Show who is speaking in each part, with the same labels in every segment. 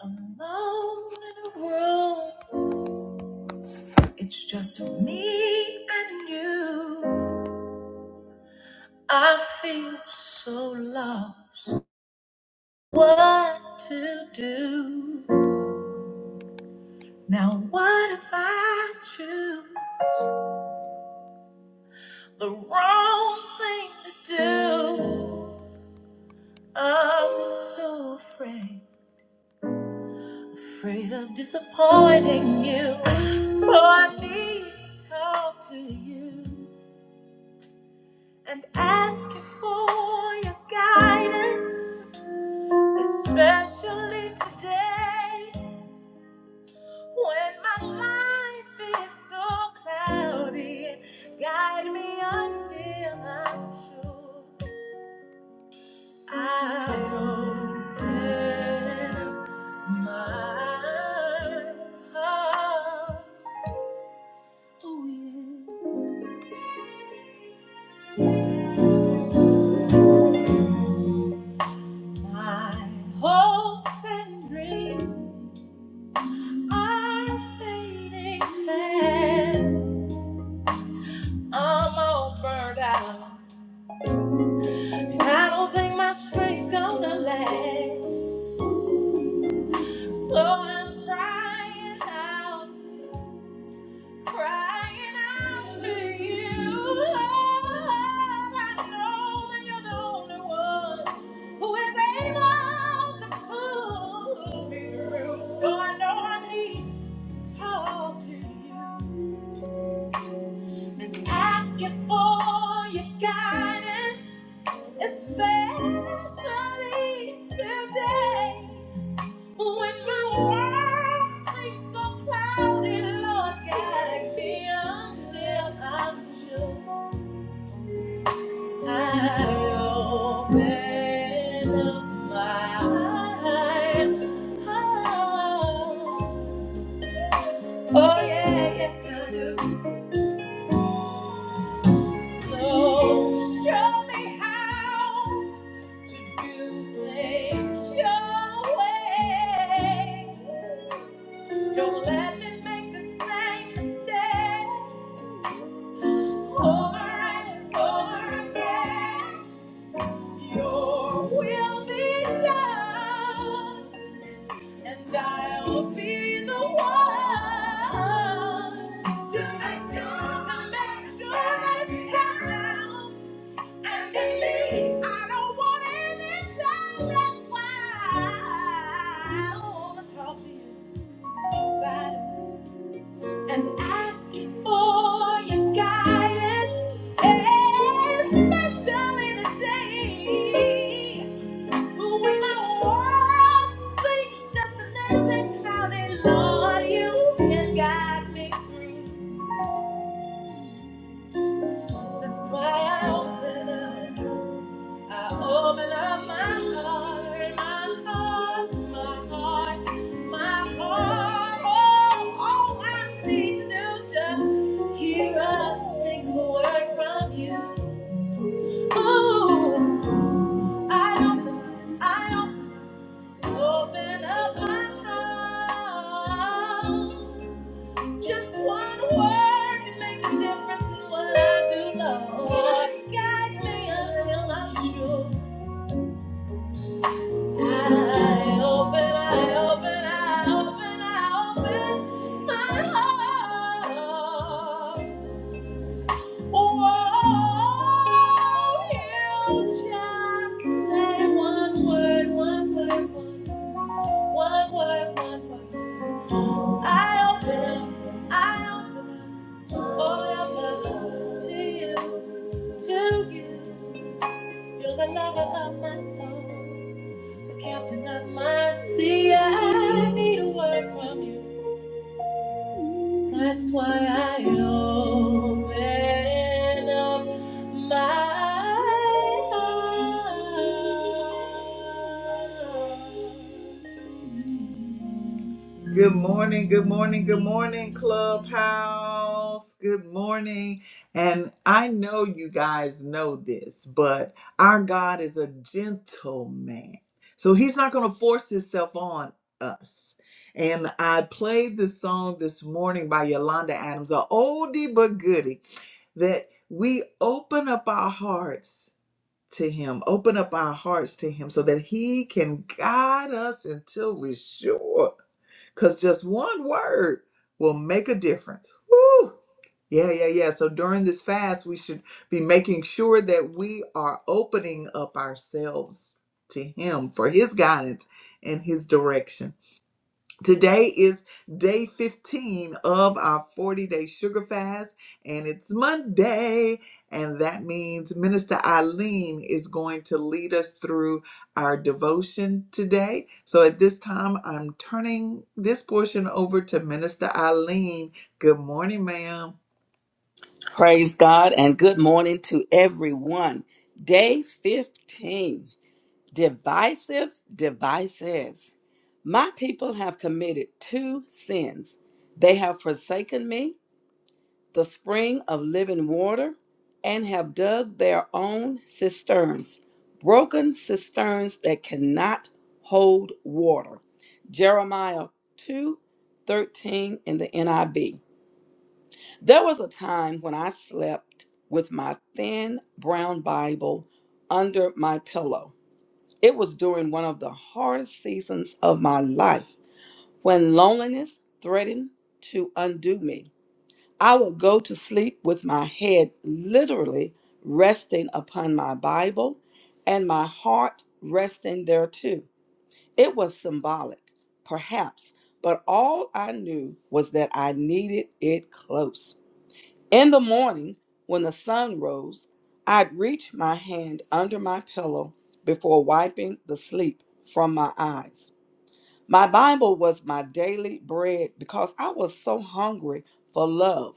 Speaker 1: Alone in a world, it's just me and you. I feel so lost. What to do? Now, what if I choose the wrong thing to do? I'm so afraid, afraid of disappointing you. So I need to talk to you. and ask you for your guidance, especially today when my life is so cloudy. Guide me until I'm sure I open my heart. Oh, yeah. My hopes and dreams. are fading fast. I'm all burned out. And I don't think my strength's gonna last. So I'm crying out, crying out to you. Lord, I know that you're the only one who is able to pull me through. So I know I need to talk to you. and ask you for your guidance, especially today when my world seems so cloudy. Lord, guide me until I'm sure I open up my eyes. Oh oh yeah, yes I do. So show me how. To do things your way. Don't let me make the same mistakes over and over again. Your will be done, and I'll be the one to make sure, to make sure that it's happened. And in me, I don't want any show. That's why I wanna talk to you inside and ask you for your guidance, especially today when my world seems just a little bit cloudy. Lord, you can guide me through. That's why I open up. I open up my heart, my heart, my heart, my heart. Oh, all I need to do is just hear a single word from you. Oh, I open, I open, open up my heart. Just one word can make a difference in what I do, Lord. Guide me until I'm sure. I open, I open, I open, I open my heart. Whoa, you just say one word, one word, one, one word, one word. I open, I open, open up my heart to you, to you. You're the lover of my soul. the captain of my sea. I need a word from you. That's why I open up my eyes. Good morning, good morning, good morning, Clubhouse. Good morning. And I know you guys know this, but our God is a gentleman. So he's not going to force himself on us. And I played this song this morning by Yolanda Adams, a oldie but goodie, that we open up our hearts to Him, open up our hearts to Him so that He can guide us until we're sure. Because just one word will make a difference. Woo! Yeah, yeah, yeah. So during this fast, we should be making sure that we are opening up ourselves to Him for His guidance and His direction. Today is day 15 of our 40 day sugar fast, and it's Monday. And that means Minister Eileen is going to lead us through our devotion today. So at this time, I'm turning this portion over to Minister Eileen. Good morning, ma'am.
Speaker 2: Praise God and good morning to everyone. Day 15 Divisive Devices. My people have committed two sins. They have forsaken me, the spring of living water, and have dug their own cisterns, broken cisterns that cannot hold water. Jeremiah 2 13 in the NIV. There was a time when I slept with my thin brown Bible under my pillow. It was during one of the hardest seasons of my life when loneliness threatened to undo me. I would go to sleep with my head literally resting upon my Bible and my heart resting there too. It was symbolic, perhaps, but all I knew was that I needed it close. In the morning, when the sun rose, I'd reach my hand under my pillow before wiping the sleep from my eyes. My Bible was my daily bread because I was so hungry for love.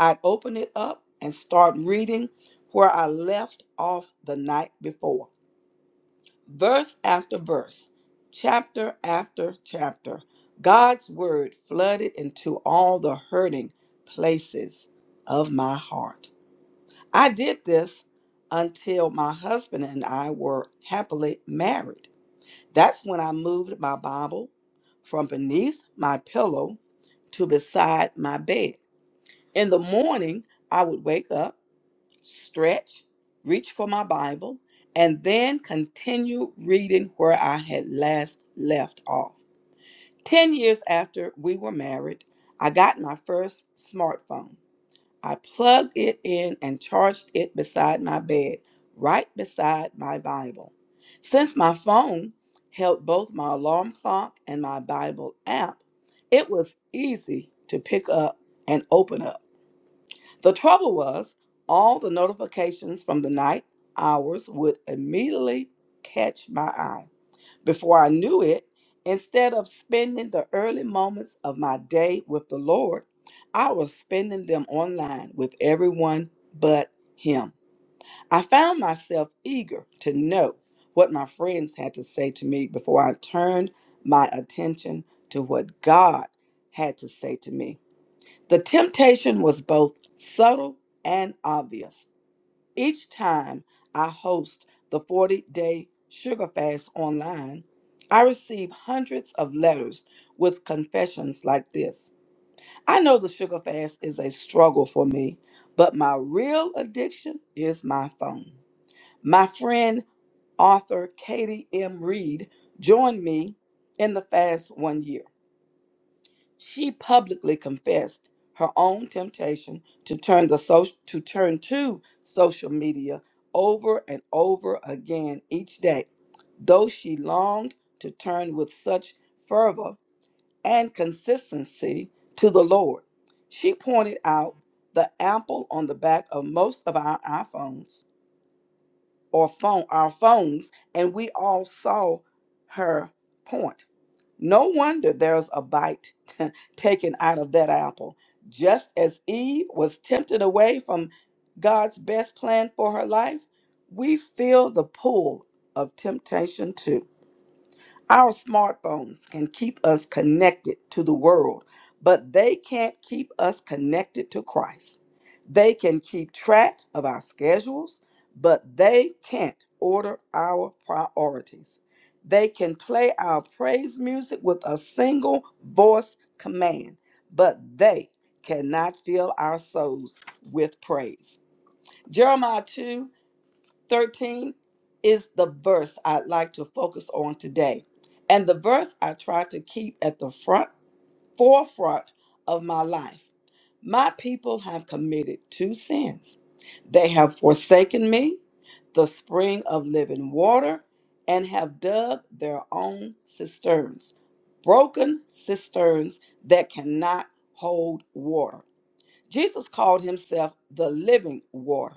Speaker 2: I'd open it up and start reading where I left off the night before. Verse after verse, chapter after chapter, God's word flooded into all the hurting places of my heart. I did this until my husband and I were happily married. That's when I moved my Bible from beneath my pillow to beside my bed. In the morning, I would wake up, stretch, reach for my Bible, and then continue reading where I had last left off. 10 years after we were married, I got my first smartphone. I plugged it in and charged it beside my bed, right beside my Bible. Since my phone held both my alarm clock and my Bible app, it was easy to pick up and open up. The trouble was, all the notifications from the night hours would immediately catch my eye before I knew it, instead of spending the early moments of my day with the Lord, I was spending them online with everyone but Him. I found myself eager to know what my friends had to say to me before I turned my attention to what God had to say to me. The temptation was both subtle and obvious. Each time I host the 40 day sugar fast online, I receive hundreds of letters with confessions like this I know the sugar fast is a struggle for me, but my real addiction is my phone. My friend, author Katie M. Reed, joined me in the fast one year. She publicly confessed her own temptation to turn the social, to turn to social media over and over again each day, though she longed to turn with such fervor and consistency to the Lord. She pointed out the ample on the back of most of our iPhones or phone our phones, and we all saw her point. No wonder there's a bite taken out of that apple. Just as Eve was tempted away from God's best plan for her life, we feel the pull of temptation too. Our smartphones can keep us connected to the world, but they can't keep us connected to Christ. They can keep track of our schedules, but they can't order our priorities. They can play our praise music with a single voice command, but they cannot fill our souls with praise. Jeremiah 2 13 is the verse I'd like to focus on today. And the verse I try to keep at the front forefront of my life. My people have committed two sins. They have forsaken me, the spring of living water, and have dug their own cisterns, broken cisterns that cannot hold water. Jesus called himself the living water.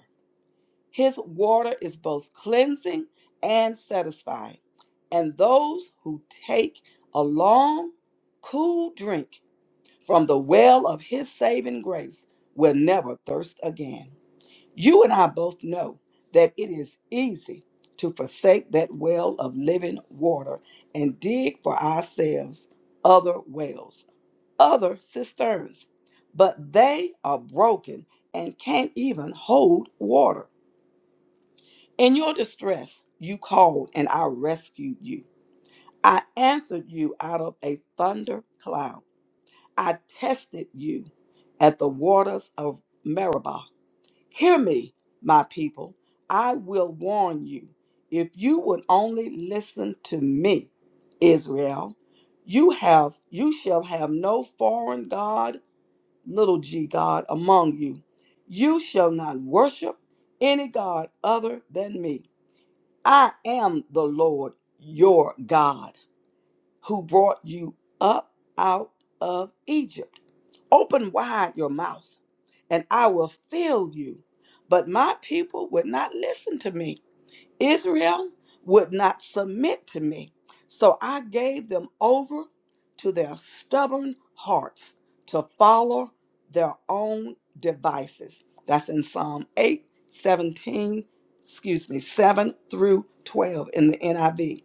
Speaker 2: His water is both cleansing and satisfying, and those who take a long, cool drink from the well of His saving grace will never thirst again. You and I both know that it is easy to forsake that well of living water and dig for ourselves other wells, other cisterns, but they are broken and can't even hold water. In your distress, you called, and I rescued you. I answered you out of a thunder cloud. I tested you at the waters of Meribah. Hear me, my people. I will warn you. If you would only listen to me, Israel, you have you shall have no foreign god, little g god among you. You shall not worship any god other than me. I am the Lord your God who brought you up out of Egypt. Open wide your mouth, and I will fill you. But my people would not listen to me. Israel would not submit to me. So I gave them over to their stubborn hearts to follow their own devices. That's in Psalm 8 17, excuse me, 7 through 12 in the NIV.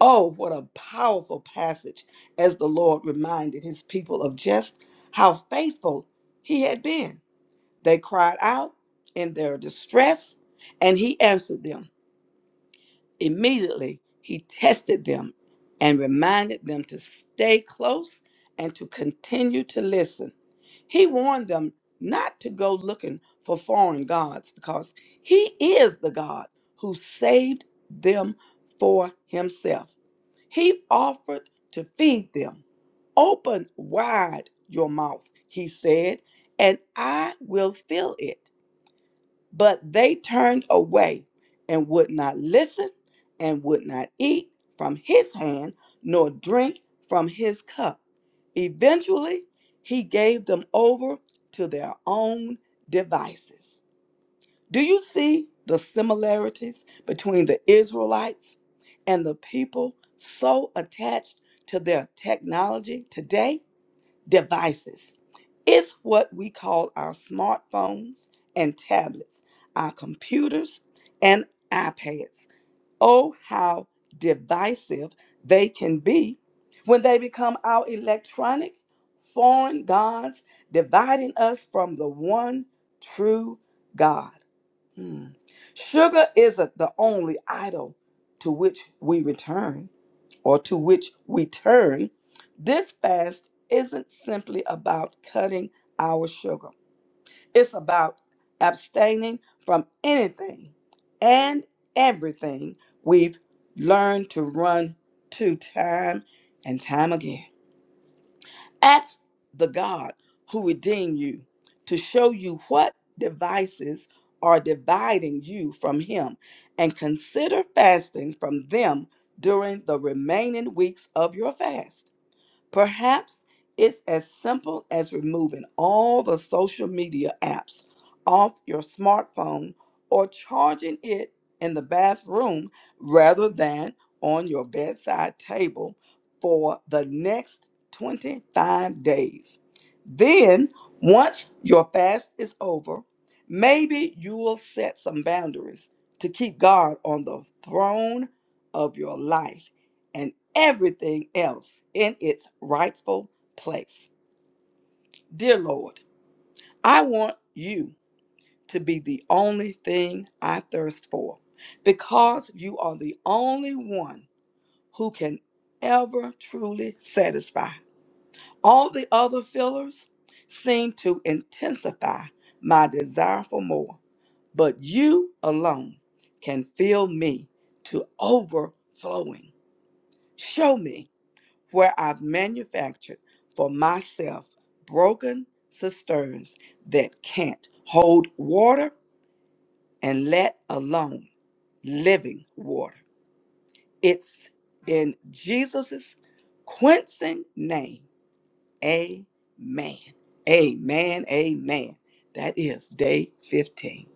Speaker 2: Oh, what a powerful passage as the Lord reminded his people of just how faithful he had been. They cried out in their distress, and he answered them. Immediately, he tested them and reminded them to stay close and to continue to listen. He warned them not to go looking for foreign gods because he is the God who saved them for himself. He offered to feed them. Open wide your mouth, he said, and I will fill it. But they turned away and would not listen and would not eat from his hand nor drink from his cup. Eventually, he gave them over to their own devices. Do you see the similarities between the Israelites and the people so attached to their technology today? Devices it's what we call our smartphones and tablets, our computers and iPads. Oh, how divisive they can be when they become our electronic foreign gods, dividing us from the one true God. Hmm. Sugar isn't the only idol to which we return or to which we turn, this fast isn't simply about cutting our sugar. It's about abstaining from anything and everything we've learned to run to time and time again. Ask the God who redeemed you to show you what devices are dividing you from Him and consider fasting from them during the remaining weeks of your fast. Perhaps it's as simple as removing all the social media apps off your smartphone or charging it in the bathroom rather than on your bedside table for the next 25 days. Then, once your fast is over, maybe you will set some boundaries to keep God on the throne of your life and everything else in its rightful place. Dear Lord, I want you to be the only thing I thirst for because you are the only one who can ever truly satisfy. All the other fillers seem to intensify my desire for more, but you alone can fill me to overflowing. Show me where I've manufactured for myself broken cisterns that can't hold water and let alone living water. It's in Jesus' quenching name. Amen. Amen. Amen. That is day 15.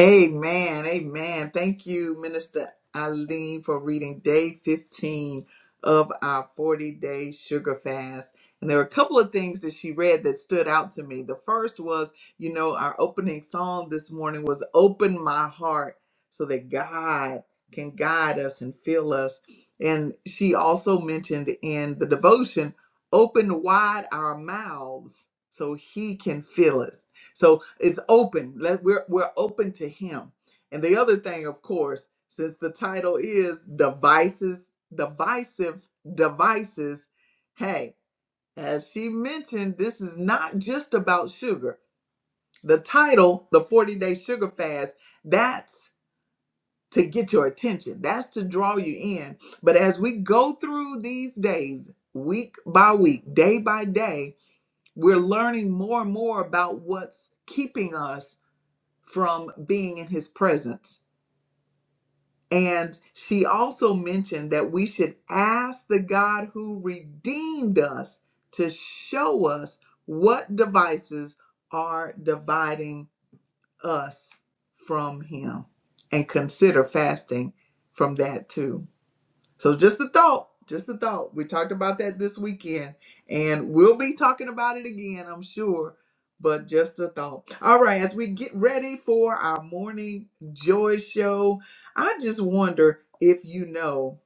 Speaker 1: Amen. Amen. Thank you, Minister Eileen, for reading day 15 of our 40 day sugar fast. And there were a couple of things that she read that stood out to me. The first was, you know, our opening song this morning was Open My Heart so that God can guide us and fill us. And she also mentioned in the devotion, Open wide our mouths so He can fill us. So it's open. Let we're we're open to him. And the other thing, of course, since the title is devices, divisive devices, hey, as she mentioned, this is not just about sugar. The title, the 40-day sugar fast, that's to get your attention. That's to draw you in. But as we go through these days, week by week, day by day, we're learning more and more about what's keeping us from being in his presence. And she also mentioned that we should ask the God who redeemed us to show us what devices are dividing us from him and consider fasting from that too. So just a thought, just a thought. We talked about that this weekend, and we'll be talking about it again, I'm sure. But just a thought. All right, as we get ready for our morning joy show, I just wonder if you know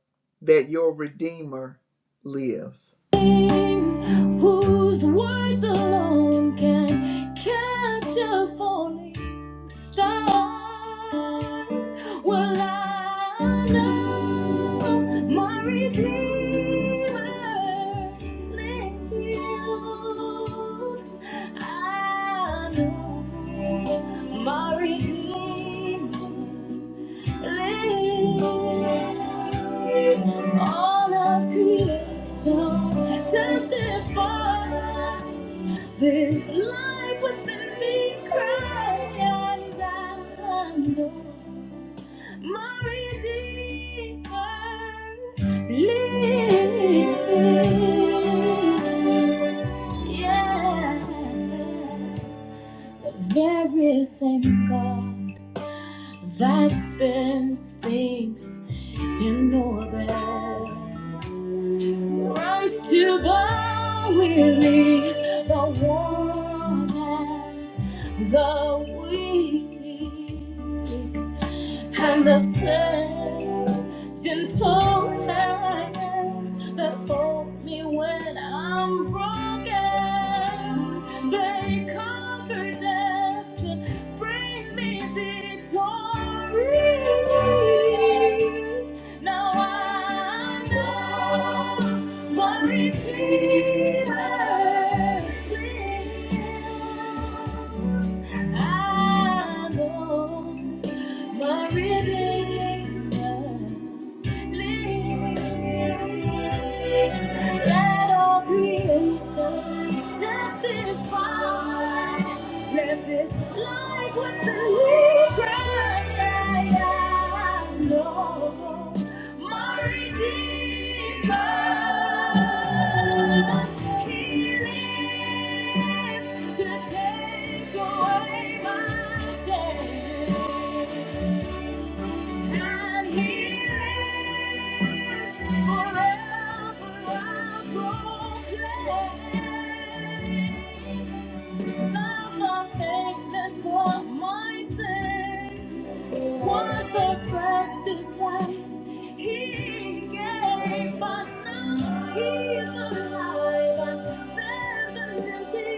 Speaker 1: that your Redeemer lives. Whose words alone can catch a falling star? Well, I know my Redeemer lives. I know my Redeemer lives. All of creation testifies this life within me cries out. I know my Redeemer lives. Yeah. The very same God that spins things in orbit runs to the weary, the worn, and the weak and the same gentle hands that hold me when I'm broken. They conquer death to bring me victory. Now I know. my redeemer. I know my Redeemer Let all creation testify. Live this life with the lead I know my Redeemer. He lives to take away my shame. And He lives forever I'll proclaim. Love obtained for my sin. Was a precious life he gave, but now he's alive and there's an empty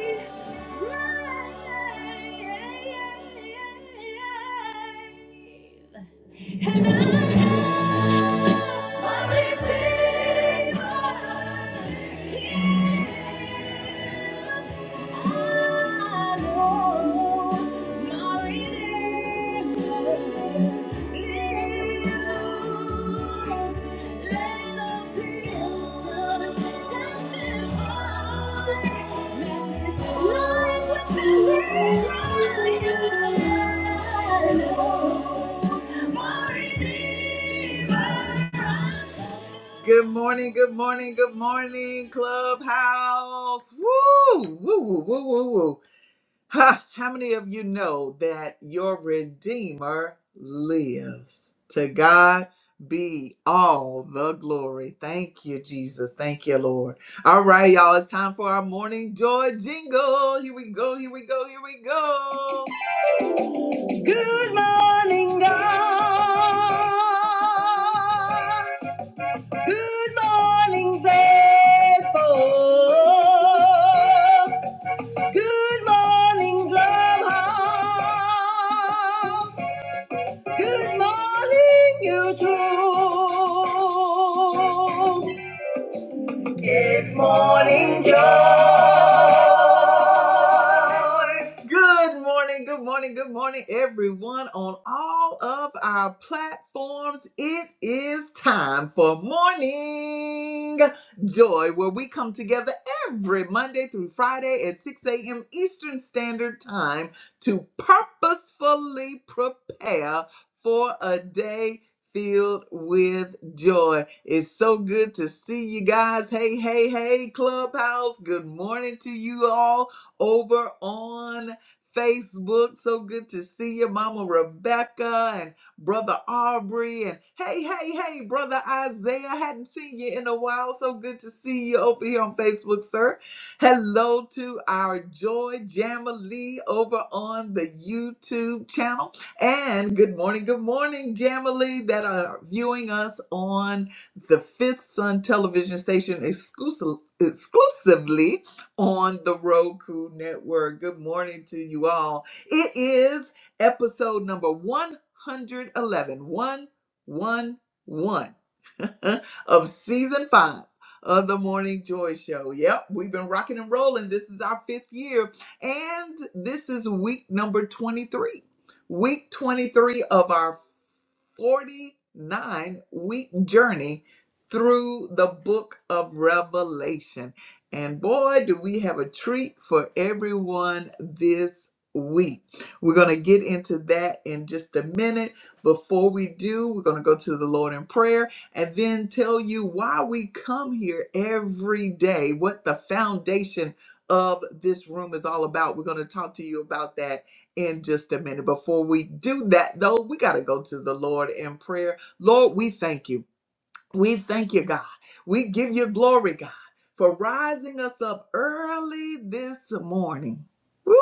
Speaker 1: grave. And I Good morning, good morning, good morning, Clubhouse. Woo, woo, woo, woo, woo, woo. Ha! How many of you know that your Redeemer lives? To God be all the glory. Thank you, Jesus. Thank you, Lord. All right, y'all. It's time for our morning joy jingle. Here we go. Here we go. Here we go. Good morning, God. Good morning, faithful. Good morning, Clubhouse. Good morning, YouTube. It's morning joy. Good morning, good morning, good morning, everyone on all of our platforms. It is time for morning joy, where we come together every Monday through Friday at 6 a.m. Eastern Standard Time to purposefully prepare for a day filled with joy. It's so good to see you guys. Hey, hey, hey, Clubhouse. Good morning to you all over on Facebook. So good to see you, Mama Rebecca and Brother Aubrey. And hey, hey, hey, Brother Isaiah. I hadn't seen you in a while. So good to see you over here on Facebook, sir. Hello to our Joy Jamily over on the YouTube channel. And good morning, good morning, Jamily, that are viewing us on the Fifth Sun television station exclusive, exclusively on the Roku network. Good morning to you all. It is episode number one hundred eleven, one one one, of season five of the Morning Joy Show. Yep, we've been rocking and rolling. This is our fifth year, and this is week number 23 week 23 of our 49 week journey through the book of Revelation. And boy, do we have a treat for everyone this week. We're going to get into that in just a minute. Before we do, we're going to go to the Lord in prayer and then tell you why we come here every day, what the foundation of this room is all about. We're going to talk to you about that in just a minute. Before we do that, though, we got to go to the Lord in prayer. Lord, we thank you. We thank you, God. We give you glory, God, for rising us up early this morning. Woo!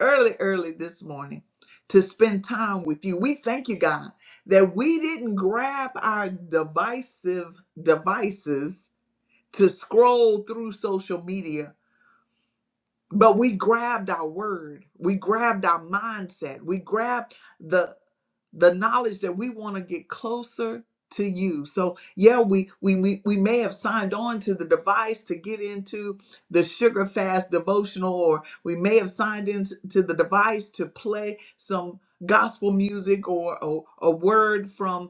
Speaker 1: Early, early this morning to spend time with you. We thank you, God, that we didn't grab our divisive devices to scroll through social media but we grabbed our word, we grabbed our mindset, we grabbed the the knowledge that we want to get closer to you. So yeah, we, we we we may have signed on to the device to get into the sugar fast devotional, or we may have signed into the device to play some gospel music or, or a word from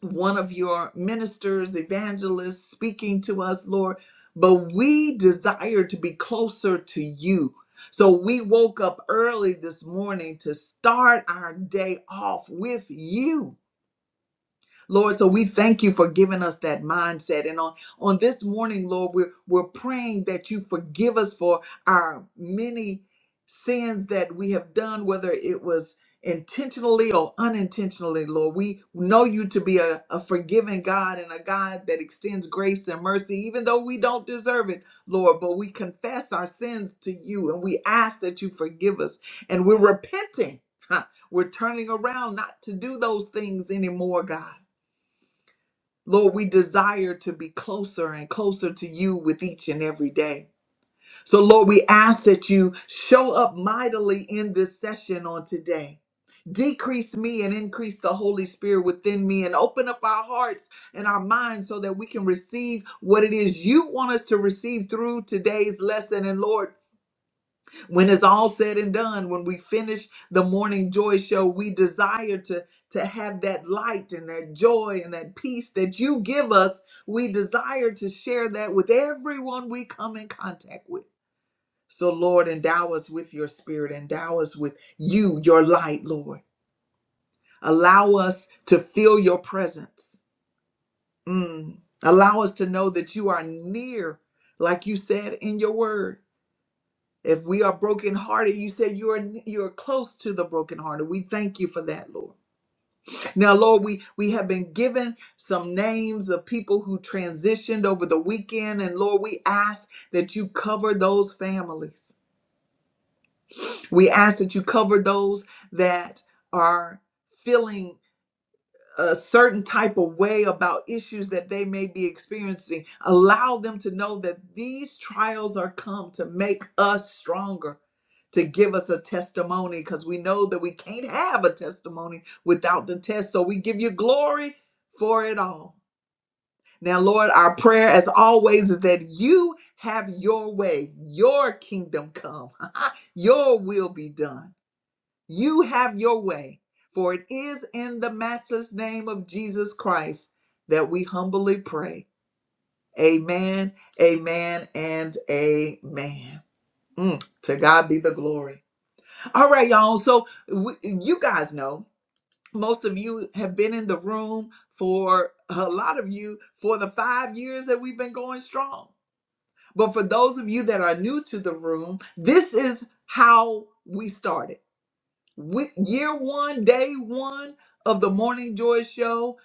Speaker 1: one of your ministers, evangelists speaking to us, Lord, but we desire to be closer to you. So we woke up early this morning to start our day off with you. Lord, so we thank you for giving us that mindset. And on, on this morning, Lord, we're, we're praying that you forgive us for our many sins that we have done, whether it was intentionally or unintentionally, Lord. We know you to be a, a forgiving God and a God that extends grace and mercy, even though we don't deserve it, Lord. But we confess our sins to you and we ask that you forgive us. And we're repenting. We're turning around not to do those things anymore, God. Lord, we desire to be closer and closer to you with each and every day. So, Lord, we ask that you show up mightily in this session on today. Decrease me and increase the Holy Spirit within me and open up our hearts and our minds so that we can receive what it is you want us to receive through today's lesson. And Lord, when it's all said and done when we finish the morning joy show we desire to to have that light and that joy and that peace that you give us we desire to share that with everyone we come in contact with so lord endow us with your spirit endow us with you your light lord allow us to feel your presence Mm. allow us to know that you are near like you said in your word If we are brokenhearted, you said you are you are close to the brokenhearted. We thank you for that, Lord. Now, Lord, we we have been given some names of people who transitioned over the weekend, and Lord, we ask that you cover those families. We ask that you cover those that are feeling a certain type of way about issues that they may be experiencing. Allow them to know that these trials are come to make us stronger, to give us a testimony, because we know that we can't have a testimony without the test. So we give you glory for it all. Now, Lord, our prayer as always is that you have your way, your kingdom come, your will be done you have your way, for it is in the matchless name of Jesus Christ that we humbly pray. Amen, amen, and amen. Mm, to God be the glory. All right, y'all. So we, you guys know most of you have been in the room for a lot of you for the five years that we've been going strong. But for those of you that are new to the room, this is how we started. we, year one, day one of the Morning Joy Show,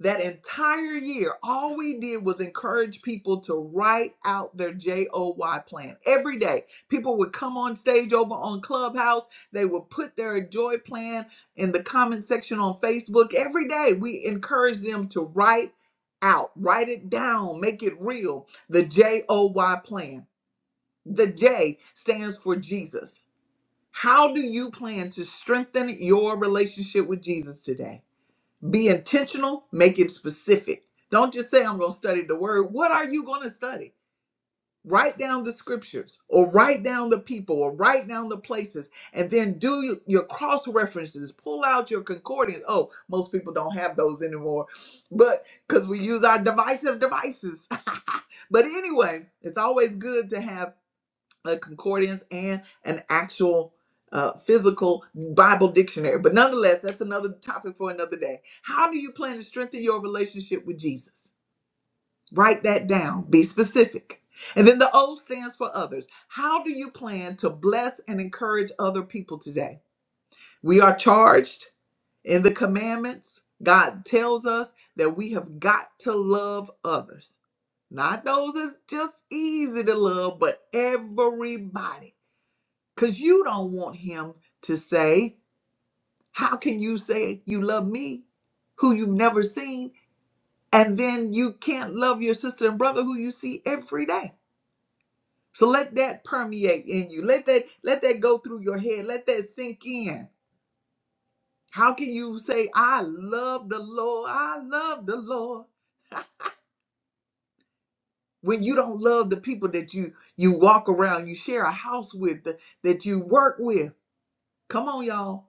Speaker 1: that entire year, all we did was encourage people to write out their J O Y plan. Every day, people would come on stage over on Clubhouse. They would put their joy plan in the comment section on Facebook. Every day, we encourage them to write out, write it down, make it real. The J O Y plan. The J stands for Jesus. How do you plan to strengthen your relationship with Jesus today? Be intentional, make it specific. Don't just say, I'm going to study the word. What are you going to study? Write down the scriptures or write down the people or write down the places and then do your your cross references. Pull out your concordance. Oh, most people don't have those anymore, but because we use our divisive devices. but anyway, it's always good to have a concordance and an actual uh, physical Bible dictionary. But nonetheless, that's another topic for another day. How do you plan to strengthen your relationship with Jesus? Write that down, be specific. And then the O stands for others. How do you plan to bless and encourage other people today? We are charged in the commandments. God tells us that we have got to love others. Not those that's just easy to love, but everybody. Because you don't want him to say, How can you say you love me, who you've never seen, and then you can't love your sister and brother who you see every day? So let that permeate in you. Let that let that go through your head. Let that sink in. How can you say, I love the Lord, I love the Lord, when you don't love the people that you you walk around, you share a house with, that that you work with? Come on, y'all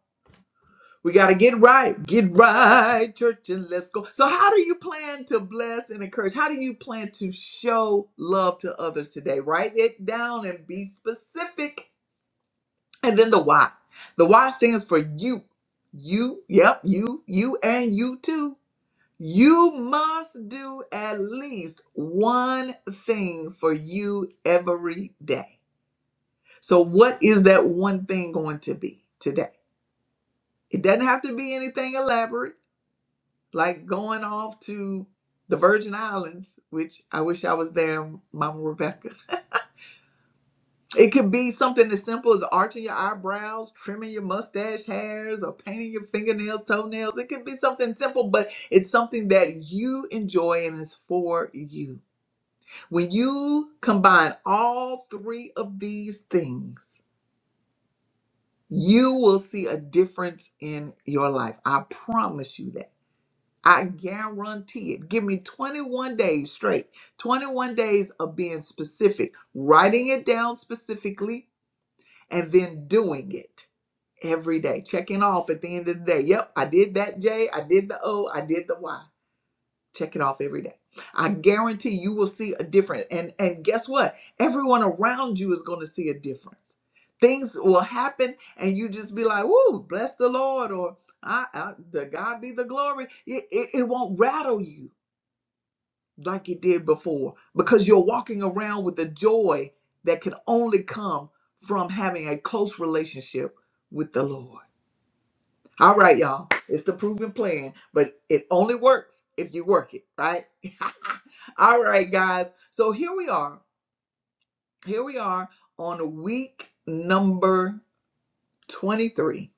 Speaker 1: We got to get right. Get right, church, and let's go. So, how do you plan to bless and encourage? How do you plan to show love to others today? Write it down and be specific. And then the why. The why stands for you. You, yep, you, you, and you too. You must do at least one thing for you every day. So, what is that one thing going to be today? It doesn't have to be anything elaborate. like going off to the Virgin Islands, which I wish I was there, Mama Rebecca. It could be something as simple as arching your eyebrows, trimming your mustache hairs, or painting your fingernails, toenails. It could be something simple, but it's something that you enjoy and is for you. When you combine all three of these things, you will see a difference in your life. I promise you that. I guarantee it. Give me 21 days straight, 21 days of being specific, writing it down specifically, and then doing it every day, checking off at the end of the day. Yep, I did that J, I did the O, I did the Y check it off every day i guarantee you will see a difference and and guess what everyone around you is going to see a difference things will happen and you just be like whoa bless the lord or i, I the god be the glory it, it, it won't rattle you like it did before because you're walking around with the joy that can only come from having a close relationship with the lord all right, y'all. It's the proven plan, but it only works if you work it, right? All right, guys. So here we are. Here we are on week number 23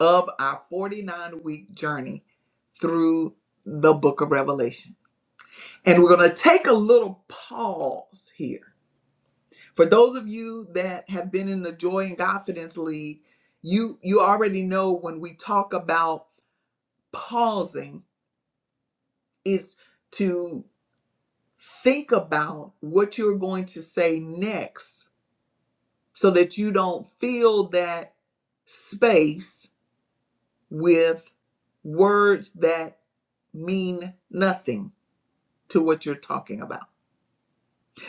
Speaker 1: of our 49 week journey through the book of Revelation. And we're going to take a little pause here. For those of you that have been in the Joy and Confidence League, you you already know when we talk about pausing is to think about what you're going to say next so that you don't fill that space with words that mean nothing to what you're talking about.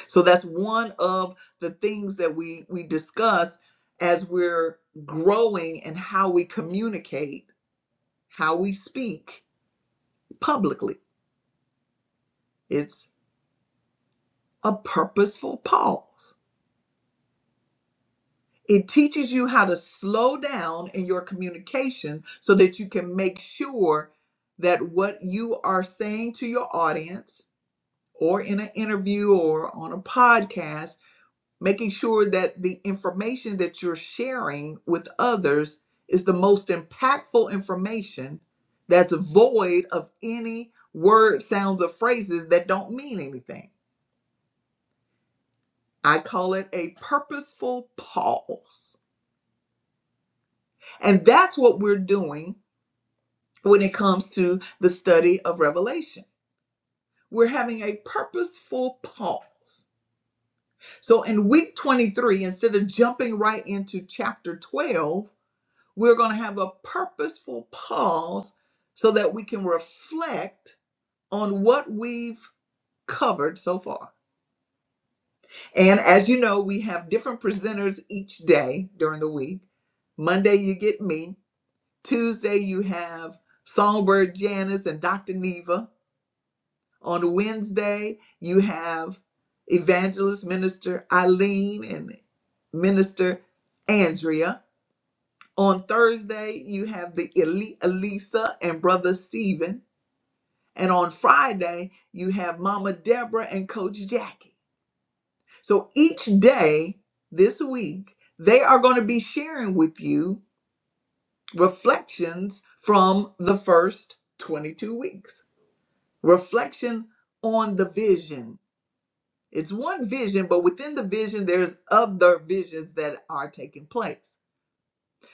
Speaker 1: So that's one of the things that we we discuss as we're growing and how we communicate, how we speak publicly. It's a purposeful pause. It teaches you how to slow down in your communication so that you can make sure that what you are saying to your audience or in an interview or on a podcast, making sure that the information that you're sharing with others is the most impactful information that's void of any word sounds or phrases that don't mean anything. I call it a purposeful pause. And that's what we're doing when it comes to the study of Revelation. We're having a purposeful pause. So in week 23, instead of jumping right into chapter 12, we're going to have a purposeful pause so that we can reflect on what we've covered so far. And as you know, we have different presenters each day during the week. Monday, you get me. Tuesday, you have Songbird Janice and Dr. Neva. On Wednesday, you have evangelist minister Eileen and minister Andrea. On Thursday, you have the elite Elisa and brother Stephen. And on Friday, you have Mama Deborah and Coach Jackie. So each day this week, they are going to be sharing with you reflections from the first 22 weeks. Reflection on the vision It's one vision, but within the vision, there's other visions that are taking place.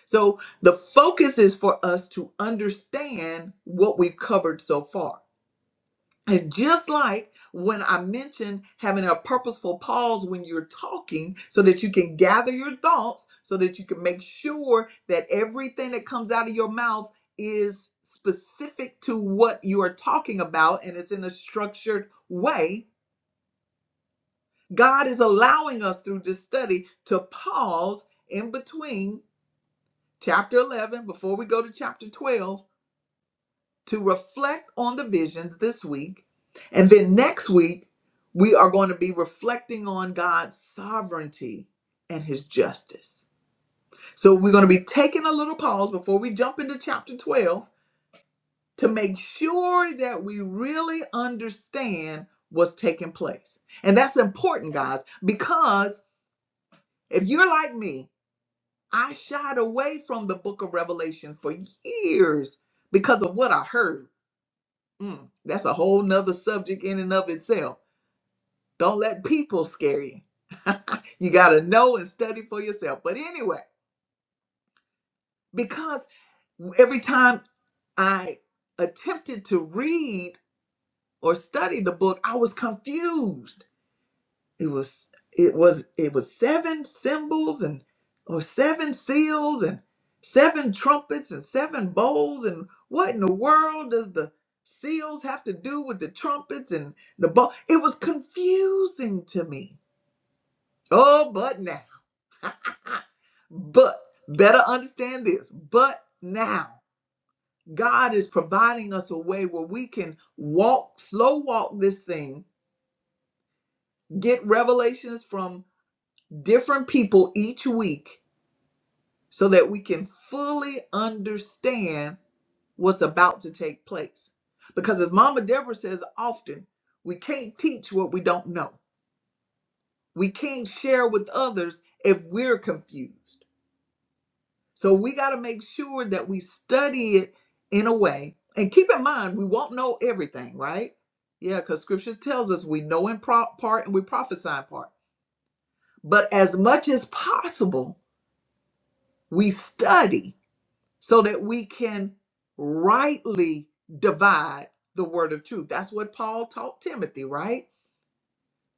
Speaker 1: So the focus is for us to understand what we've covered so far. And just like when I mentioned having a purposeful pause when you're talking so that you can gather your thoughts, so that you can make sure that everything that comes out of your mouth is specific to what you are talking about and it's in a structured way God is allowing us through this study to pause in between chapter 11 before we go to chapter 12 to reflect on the visions this week. And then next week, we are going to be reflecting on God's sovereignty and his justice. So we're going to be taking a little pause before we jump into chapter 12 to make sure that we really understand what's taking place. And that's important, guys, because if you're like me, I shied away from the book of Revelation for years because of what I heard. Mm, that's a whole nother subject in and of itself. Don't let people scare you. you got to know and study for yourself. But anyway, because every time I attempted to read or study the book, I was confused. it was it was it was seven symbols and or seven seals and seven trumpets and seven bowls and what in the world does the seals have to do with the trumpets and the bowl it was confusing to me oh but now but better understand this but now god is providing us a way where we can walk slow walk this thing get revelations from different people each week so that we can fully understand what's about to take place. Because as Mama Deborah says often, we can't teach what we don't know. We can't share with others if we're confused. So we got to make sure that we study it in a way. And keep in mind, we won't know everything, right? Yeah, because scripture tells us we know in pro- part and we prophesy in part. But as much as possible, we study so that we can rightly divide the word of truth. That's what Paul taught Timothy, right?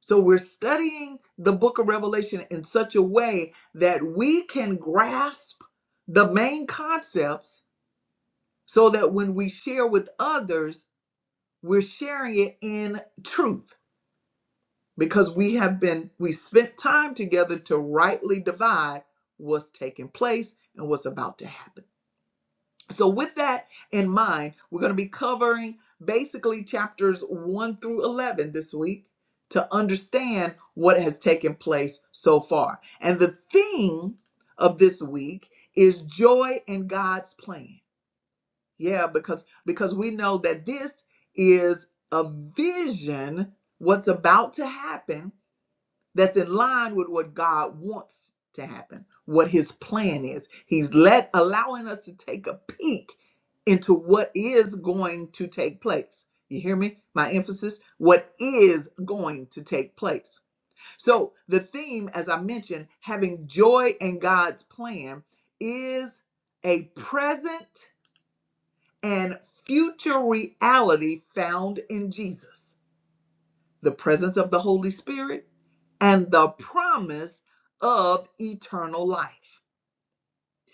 Speaker 1: So we're studying the book of Revelation in such a way that we can grasp the main concepts so that when we share with others, we're sharing it in truth because we have been we spent time together to rightly divide what's taking place and what's about to happen. So, with that in mind, we're going to be covering basically chapters 1 through 11 this week to understand what has taken place so far. And the theme of this week is joy in God's plan. Yeah, because because we know that this is a vision what's about to happen that's in line with what God wants to happen, what his plan is. He's let allowing us to take a peek into what is going to take place. You hear me? My emphasis, what is going to take place. So, the theme as I mentioned, having joy in God's plan is a present and future reality found in Jesus. The presence of the Holy Spirit and the promise of eternal life.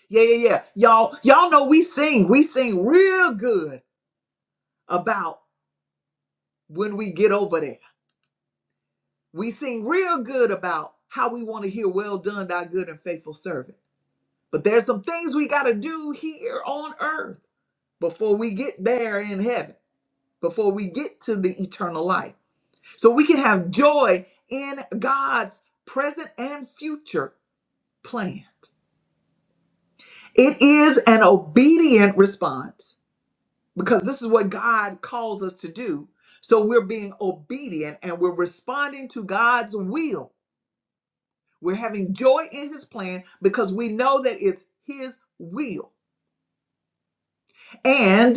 Speaker 1: Yeah, yeah, yeah. Y'all, y'all know we sing, we sing real good about when we get over there. We sing real good about how we want to hear, well done, thy good and faithful servant. But there's some things we got to do here on earth before we get there in heaven, before we get to the eternal life. So we can have joy in God's present and future plan. It is an obedient response because this is what God calls us to do. So we're being obedient and we're responding to God's will. We're having joy in His plan because we know that it's His will. And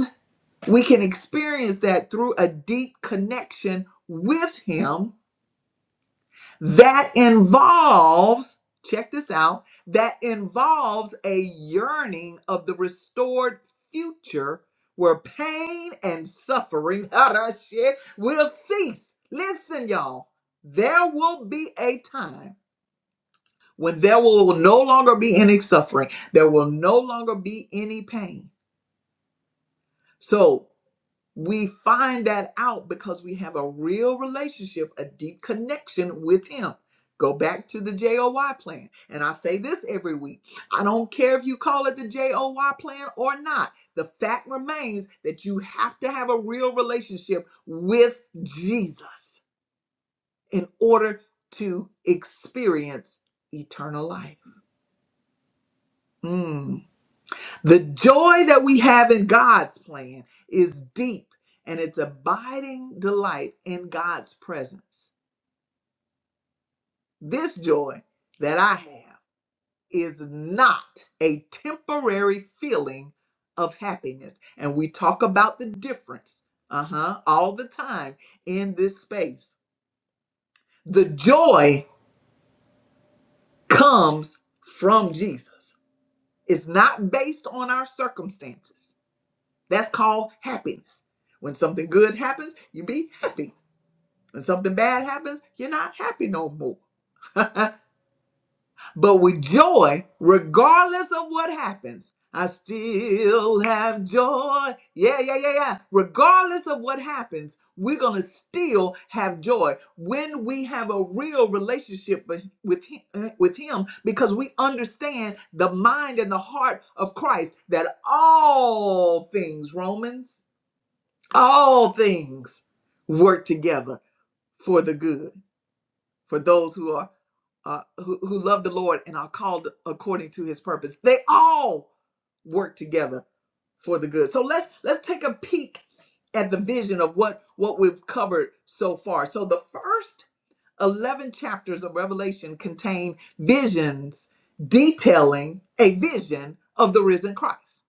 Speaker 1: we can experience that through a deep connection with Him that involves, check this out, that involves a yearning of the restored future where pain and suffering ah shit, will cease. Listen, y'all, there will be a time when there will no longer be any suffering, there will no longer be any pain. So. We find that out because we have a real relationship, a deep connection with Him. Go back to the JOY plan. And I say this every week I don't care if you call it the JOY plan or not. The fact remains that you have to have a real relationship with Jesus in order to experience eternal life. Hmm. The joy that we have in God's plan is deep and it's abiding delight in God's presence. This joy that I have is not a temporary feeling of happiness. And we talk about the difference, uh huh, all the time in this space. The joy comes from Jesus, it's not based on our circumstances. That's called happiness. When something good happens, you be happy. When something bad happens, you're not happy no more. but with joy, regardless of what happens, I still have joy. Yeah, yeah, yeah, yeah. Regardless of what happens, we're going to still have joy when we have a real relationship with with him, uh, with him because we understand the mind and the heart of Christ that all things, Romans, all things work together for the good for those who are uh, who, who love the lord and are called according to his purpose they all work together for the good so let's let's take a peek at the vision of what what we've covered so far so the first 11 chapters of revelation contain visions detailing a vision of the risen christ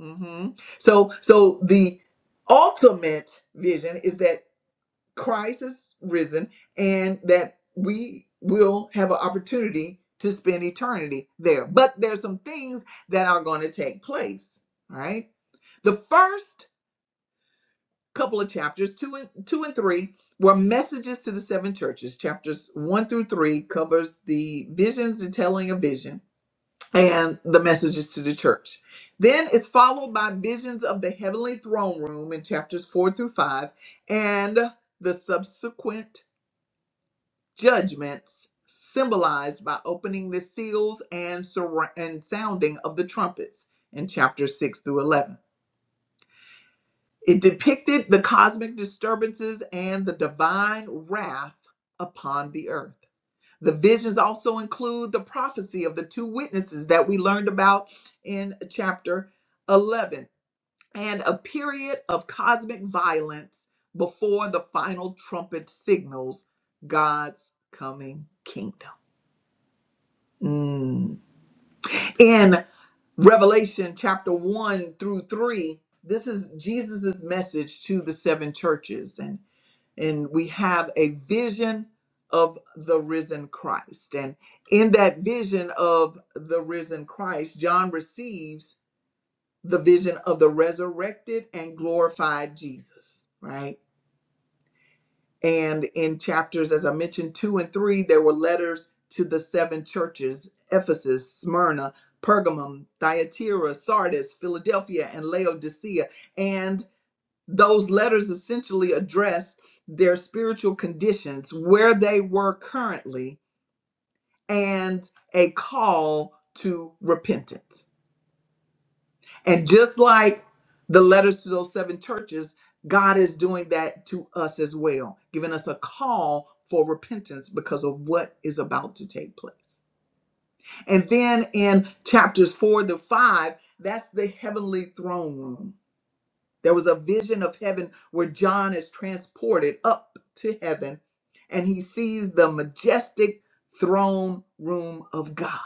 Speaker 1: Mhm. so so the ultimate vision is that Christ is risen and that we will have an opportunity to spend eternity there. But there's some things that are going to take place, all right? The first couple of chapters, 2 and 2 and 3 were messages to the seven churches. Chapters 1 through 3 covers the visions the telling of vision and the messages to the church. Then it's followed by visions of the heavenly throne room in chapters 4 through 5 and the subsequent judgments symbolized by opening the seals and, surra- and sounding of the trumpets in chapter 6 through 11. It depicted the cosmic disturbances and the divine wrath upon the earth. The visions also include the prophecy of the two witnesses that we learned about in chapter 11 and a period of cosmic violence before the final trumpet signals God's coming kingdom. Mm. In Revelation chapter 1 through 3, this is Jesus's message to the seven churches. And, and we have a vision of the risen Christ. And in that vision of the risen Christ, John receives the vision of the resurrected and glorified Jesus, right? And in chapters, as I mentioned, two and three, there were letters to the seven churches Ephesus, Smyrna, Pergamum, Thyatira, Sardis, Philadelphia, and Laodicea. And those letters essentially address their spiritual conditions, where they were currently, and a call to repentance. And just like the letters to those seven churches, God is doing that to us as well, giving us a call for repentance because of what is about to take place. And then in chapters four to five, that's the heavenly throne room. There was a vision of heaven where John is transported up to heaven and he sees the majestic throne room of God.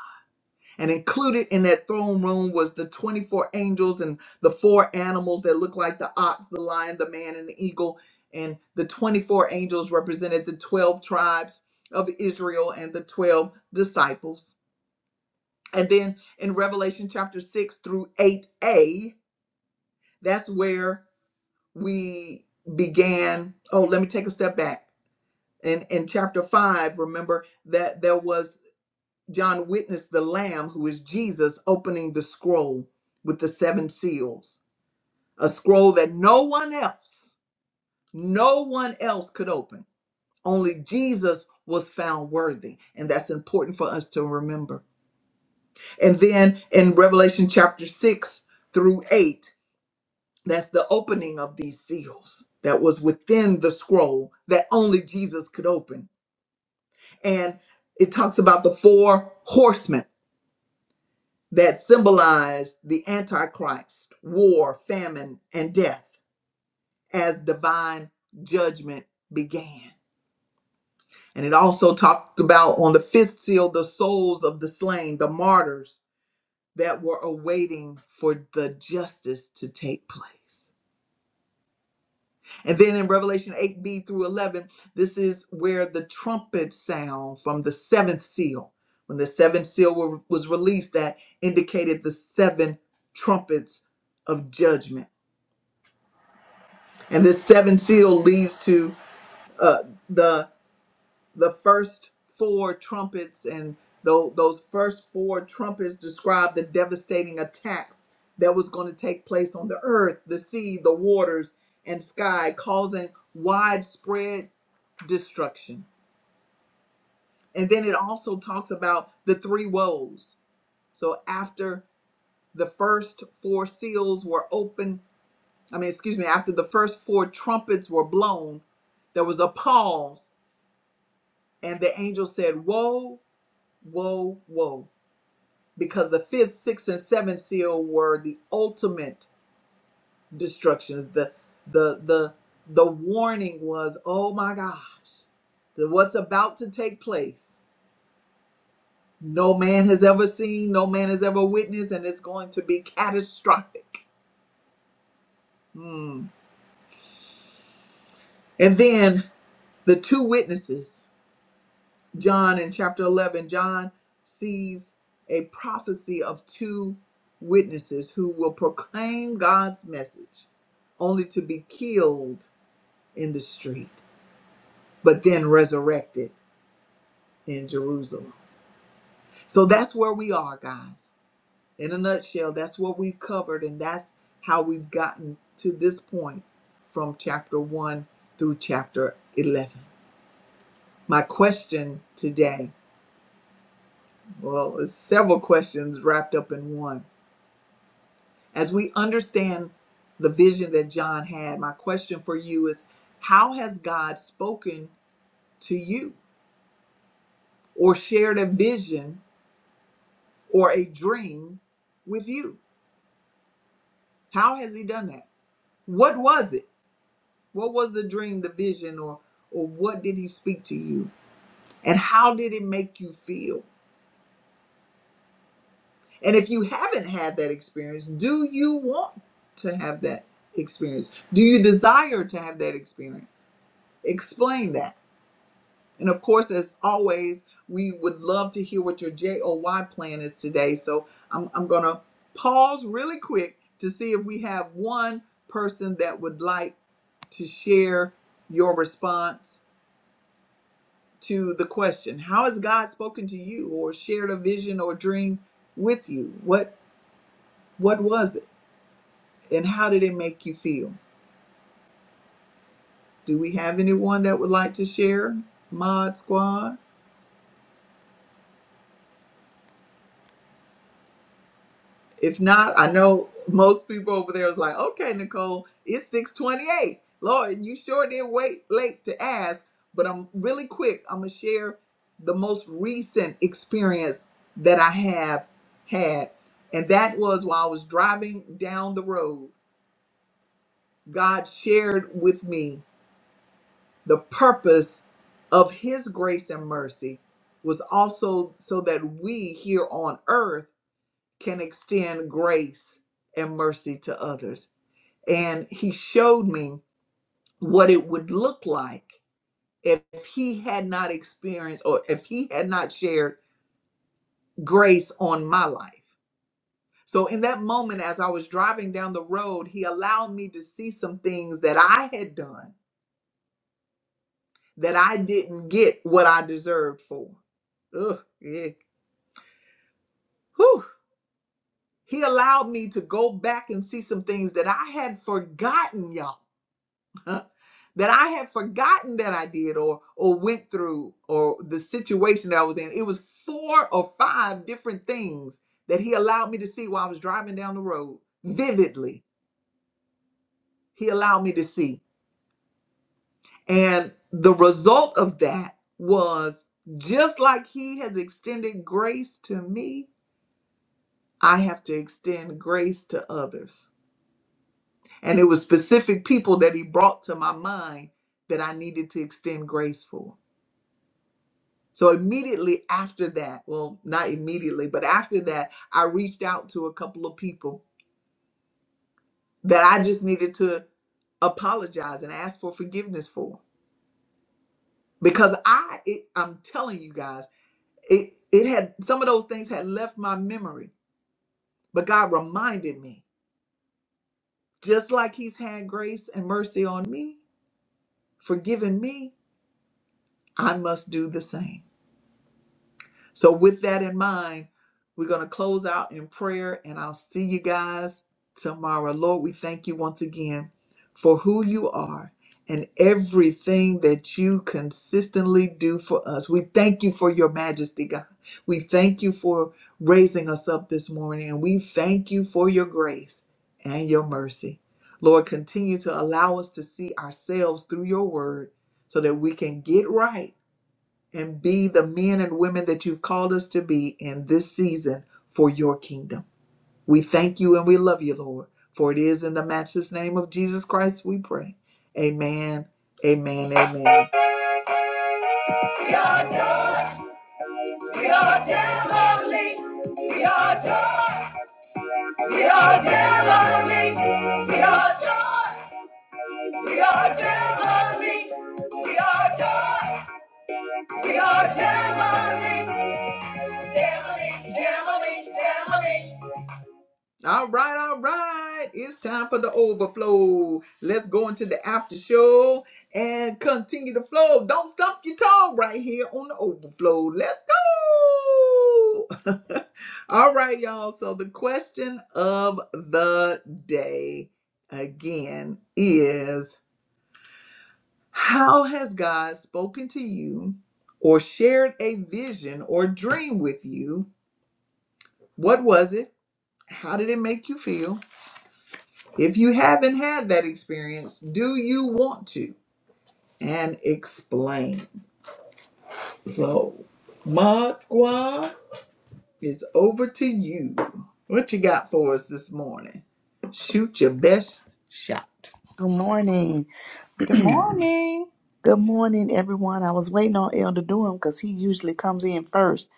Speaker 1: And included in that throne room was the 24 angels and the four animals that looked like the ox, the lion, the man, and the eagle. And the 24 angels represented the 12 tribes of Israel and the 12 disciples. And then in Revelation chapter 6 through 8a, that's where we began. Oh, let me take a step back. In, in chapter 5, remember that there was John witnessed the Lamb, who is Jesus, opening the scroll with the seven seals, a scroll that no one else, no one else could open. Only Jesus was found worthy. And that's important for us to remember. And then in Revelation chapter 6 through 8, that's the opening of these seals that was within the scroll that only Jesus could open. And it talks about the four horsemen that symbolized the Antichrist, war, famine, and death as divine judgment began. And it also talked about on the fifth seal the souls of the slain, the martyrs that were awaiting for the justice to take place. And then in Revelation 8b through 11, this is where the trumpet sound from the seventh seal, when the seventh seal wa- was released, that indicated the seven trumpets of judgment and this seven seal leads to uh, the the first four trumpets and tho- those first four trumpets describe the devastating attacks that was going to take place on the earth the sea the waters and sky causing widespread destruction and then it also talks about the three woes so after the first four seals were opened i mean excuse me after the first four trumpets were blown there was a pause And the angel said, Woe, woe, woe, because the fifth, sixth, and seventh seal were the ultimate destructions. The the the the warning was, oh my gosh, that what's about to take place, no man has ever seen, no man has ever witnessed, and it's going to be catastrophic. Hmm. And then the two witnesses John in chapter 11, John sees a prophecy of two witnesses who will proclaim God's message only to be killed in the street, but then resurrected in Jerusalem. So that's where we are, guys. In a nutshell, that's what we've covered, and that's how we've gotten to this point from chapter 1 through chapter 11. My question today, well, it's several questions wrapped up in one As we understand the vision that John had, my question for you is how has God spoken to you or shared a vision or a dream with you? How has he done that? What was it? What was the dream, the vision or or what did he speak to you? And how did it make you feel? And if you haven't had that experience, do you want to have that experience? Do you desire to have that experience? Explain that. And of course, as always, we would love to hear what your JOY plan is today. So I'm, I'm going to pause really quick to see if we have one person that would like to share your response to the question How has God spoken to you or shared a vision or dream with you? What, what was it and how did it make you feel? Do we have anyone that would like to share? Mod Squad? If not, I know most people over there was like, okay, Nicole, it's 628. Lord, you sure did wait late to ask, but I'm really quick. I'm going to share the most recent experience that I have had. And that was while I was driving down the road, God shared with me the purpose of His grace and mercy was also so that we here on earth can extend grace and mercy to others. And he showed me what it would look like if he had not experienced or if he had not shared grace on my life. So, in that moment, as I was driving down the road, he allowed me to see some things that I had done that I didn't get what I deserved for. Ugh, yeah. Whew. He allowed me to go back and see some things that I had forgotten, y'all huh, that I had forgotten that I did or or went through or the situation that I was in. It was four or five different things that he allowed me to see while I was driving down the road. Vividly, he allowed me to see. And the result of that was just like he has extended grace to me, I have to extend grace to others. And it was specific people that he brought to my mind that I needed to extend grace for. So immediately after that, well, not immediately, but after that, I reached out to a couple of people that I just needed to apologize and ask for forgiveness for because I it, I'm telling you guys, it it had some of those things had left my memory, but God reminded me, just like he's had grace and mercy on me, forgiven me, I must do the same. So, with that in mind, we're going to close out in prayer, and I'll see you guys tomorrow. Lord, we thank you once again for who you are and everything that you consistently do for us. We thank you for your majesty, God. We thank you for raising us up this morning, and we thank you for your grace and your mercy. Lord, continue to allow us to see ourselves through your word so that we can get right and be the men and women that you've called us to be in this season for your kingdom. We thank you and we love you, Lord, for it is in the matchless name of Jesus Christ we pray. Amen, amen, amen. We are Jamaline. We are joy. We are Jamaline. We are joy. We are Jamaline. We are joy. We are Jamaline. Jamaline, Jamaline, Jamaline. All right, all right. It's time for the overflow. Let's go into the after show and continue the flow. Don't stump your toe right here on the overflow. Let's go. all right, y'all. So, the question of the day again is How has God spoken to you or shared a vision or dream with you? What was it? How did it make you feel? If you haven't had that experience, do you want to? And explain. So, Mod Squad is over to you. What you got for us this morning? Shoot your best shot.
Speaker 3: Good morning.
Speaker 1: Good
Speaker 3: Good
Speaker 1: morning.
Speaker 3: morning, everyone. I was waiting on Elder Durham because he usually comes in first.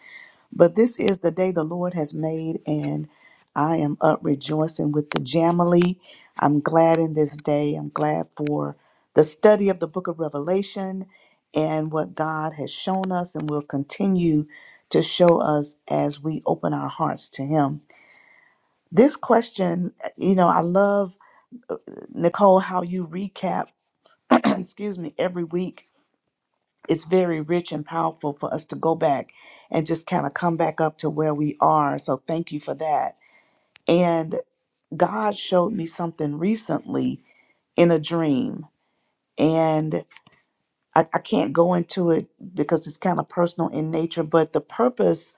Speaker 3: But this is the day the Lord has made, and I am up rejoicing with the Jamily. I'm glad in this day. I'm glad for the study of the book of Revelation and what God has shown us and will continue to show us as we open our hearts to Him. This question, you know, I love, Nicole, how you recap, excuse me, every week it's very rich and powerful for us to go back and just kind of come back up to where we are. So thank you for that. And God showed me something recently in a dream. And I, I can't go into it because it's kind of personal in nature, but the purpose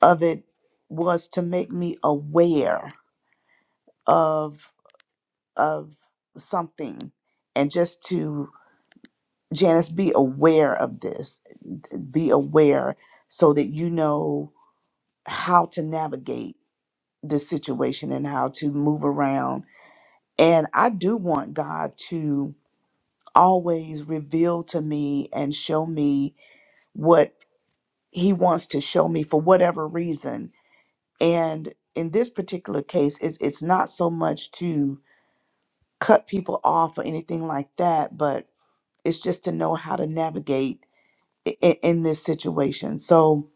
Speaker 3: of it was to make me aware of of something and just to Janice be aware of this. Be aware so that you know how to navigate this situation and how to move around. And I do want God to always reveal to me and show me what He wants to show me for whatever reason. And in this particular case, it's, it's not so much to cut people off or anything like that, but it's just to know how to navigate in, in this situation. So,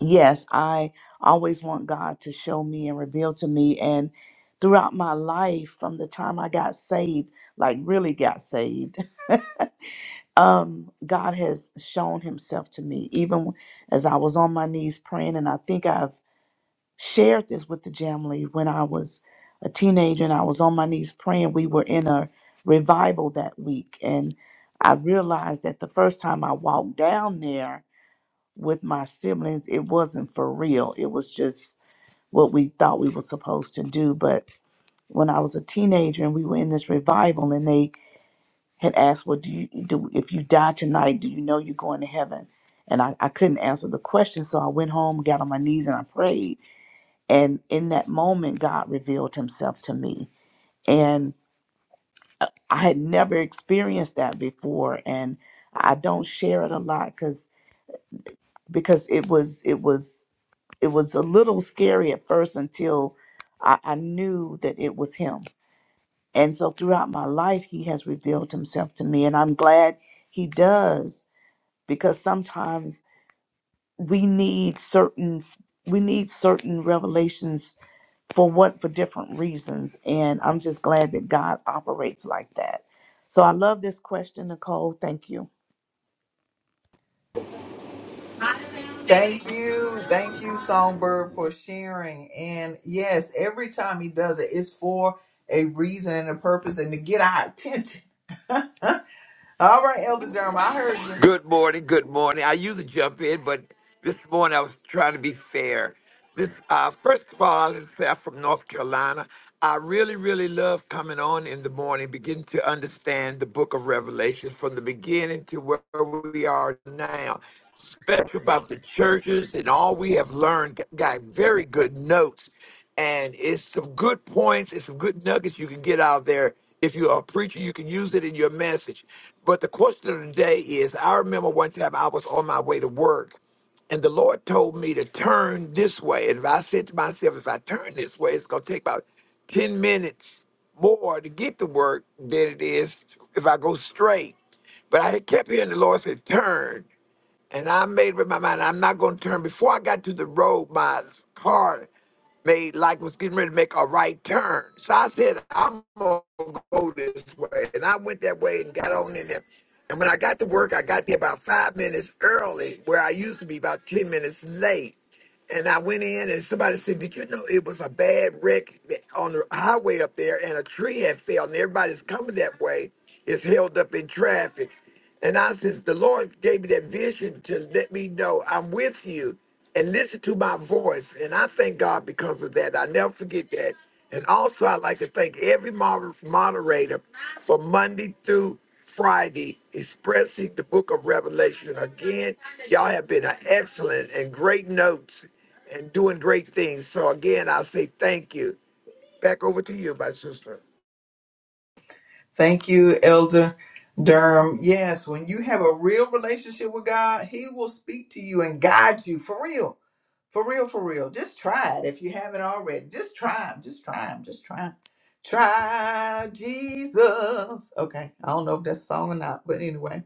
Speaker 3: yes, I always want God to show me and reveal to me. And throughout my life, from the time I got saved, like really got saved, um, God has shown himself to me, even as I was on my knees praying. And I think I've shared this with the Jamlee when I was a teenager and I was on my knees praying. We were in a revival that week. And I realized that the first time I walked down there, with my siblings, it wasn't for real. It was just what we thought we were supposed to do. But when I was a teenager and we were in this revival, and they had asked, "Well, do you do if you die tonight? Do you know you're going to heaven?" And I, I couldn't answer the question, so I went home, got on my knees, and I prayed. And in that moment, God revealed Himself to me, and I had never experienced that before. And I don't share it a lot because because it was it was it was a little scary at first until I, I knew that it was him. And so throughout my life, he has revealed himself to me. And I'm glad he does because sometimes we need certain we need certain revelations for what for different reasons and i'm just glad that god operates like that so i love this question nicole thank you
Speaker 1: Thank you. Thank you, Songbird, for sharing. And yes, every time he does it, it's for a reason and a purpose and to get our attention. All right, Elder Durham, I heard you.
Speaker 4: Good morning. Good morning. I usually jump in, but this morning I was trying to be fair. This, uh, first of all, I'll say I'm from North Carolina. I really, really love coming on in the morning, beginning to understand the book of Revelation from the beginning to where we are now. Special about the churches and all we have learned. Got very good notes. and it's some good points It's some good nuggets you can get out there. If you're a preacher, you can use it in your message. But the question of the day is I remember one time I was on my way to work, and the Lord told me to turn this way. And if I said to myself, if I turn this way, it's going to take about 10 minutes more to get to work than it is if I go straight. But I had kept hearing the Lord say, turn. And I made up my mind, I'm not going to turn. Before I got to the road, my car made like was getting ready to make a right turn. So I said, I'm gonna go this way. And I went that way and got on in there. And when I got to work, I got there about five minutes early, where I used to be about ten minutes late. And I went in and somebody said, Did you know it was a bad wreck on the highway up there and a tree had fell and everybody's coming that way is held up in traffic. And I says, the Lord gave me that vision to let me know I'm with you and listen to my voice. And I thank God because of that. I never forget that. And also, I'd like to thank every moder- moderator for Monday through Friday expressing the book of Revelation. Again, y'all have been an excellent and great notes and doing great things. So, again, I say thank you. Back over to you, my sister.
Speaker 1: Thank you, Elder Durham. Yes, when you have a real relationship with God, He will speak to you and guide you for real. For real, for real. Just try it if you haven't already. Just try him. Just try him. Just try him. Try Jesus. Okay. I don't know if that's a song or not, but anyway.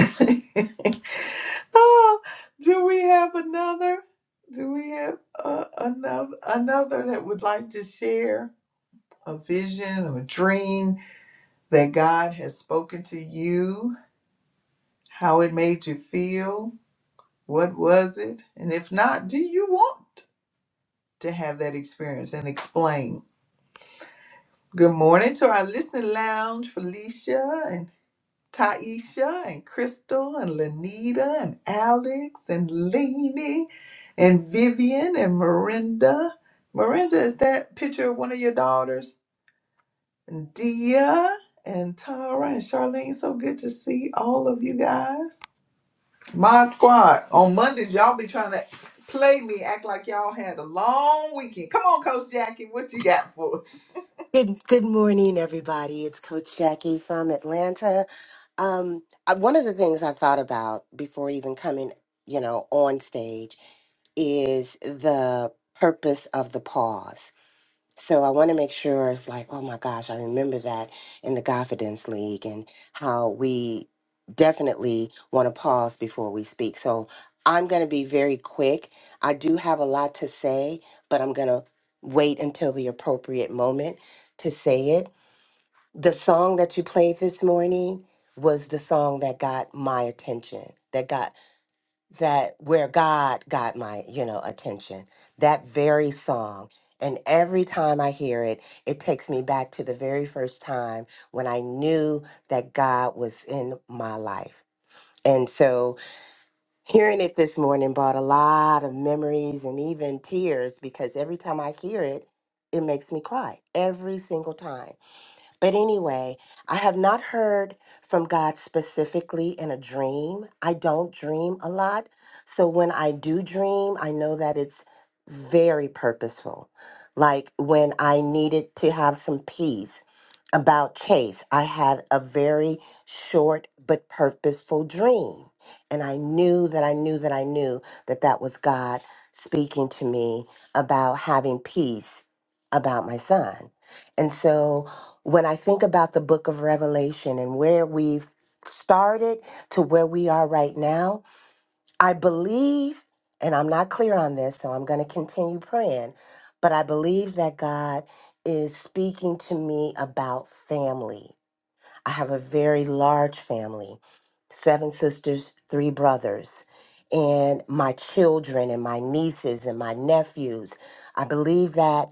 Speaker 1: oh, do we have another? Do we have uh, another another that would like to share a vision or a dream? that God has spoken to you, how it made you feel, what was it? And if not, do you want to have that experience and explain? Good morning to our listening lounge, Felicia and Taisha and Crystal and Lanita and Alex and Lainey and Vivian and Miranda. Miranda, is that picture of one of your daughters? And Dia and Tara and Charlene, so good to see all of you guys. My squad on Mondays, y'all be trying to play me, act like y'all had a long weekend. Come on, Coach Jackie, what you got for us?
Speaker 5: Good, good morning, everybody. It's Coach Jackie from Atlanta. Um, I- one of the things I thought about before even coming, you know, on stage is the purpose of the pause. So I want to make sure it's like, oh my gosh, I remember that in the Confidence League and how we definitely want to pause before we speak. So I'm going to be very quick. I do have a lot to say, but I'm going to wait until the appropriate moment to say it. The song that you played this morning was the song that got my attention, that got that where God got my, you know, attention. That very song. And every time I hear it, it takes me back to the very first time when I knew that God was in my life. And so hearing it this morning brought a lot of memories and even tears because every time I hear it, it makes me cry every single time. But anyway, I have not heard from God specifically in a dream. I don't dream a lot. So when I do dream, I know that it's very purposeful. Like when I needed to have some peace about Chase, I had a very short but purposeful dream. And I knew that I knew that I knew that that was God speaking to me about having peace about my son. And so when I think about the book of Revelation and where we've started to where we are right now, I believe, and I'm not clear on this, so I'm going to continue praying, but I believe that God is speaking to me about family. I have a very large family seven sisters, three brothers, and my children and my nieces and my nephews. I believe that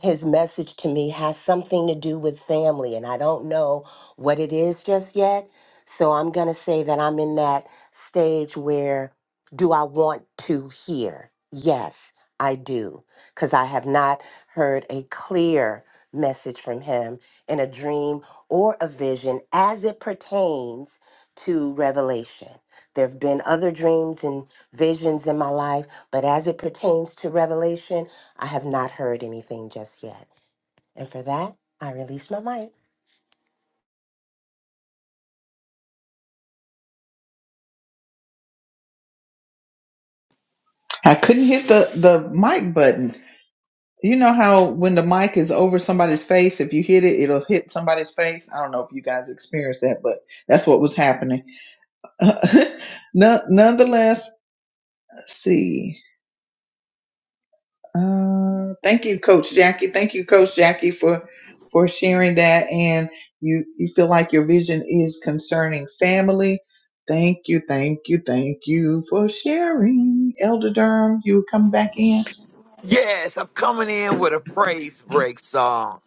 Speaker 5: his message to me has something to do with family, and I don't know what it is just yet. So I'm going to say that I'm in that stage where do I want to hear? Yes, I do, because I have not heard a clear message from him in a dream or a vision as it pertains to revelation. There have been other dreams and visions in my life, but as it pertains to revelation, I have not heard anything just yet. And for that, I release my mic.
Speaker 1: I couldn't hit the the mic button. You know how when the mic is over somebody's face, if you hit it, it'll hit somebody's face. I don't know if you guys experienced that, but that's what was happening. None nonetheless, let's see. Uh, thank you, Coach Jackie. Thank you, Coach Jackie, for for sharing that. And you you feel like your vision is concerning family. Thank you, thank you, thank you for sharing, Elder Durham. You come back in.
Speaker 4: Yes, I'm coming in with a praise break song.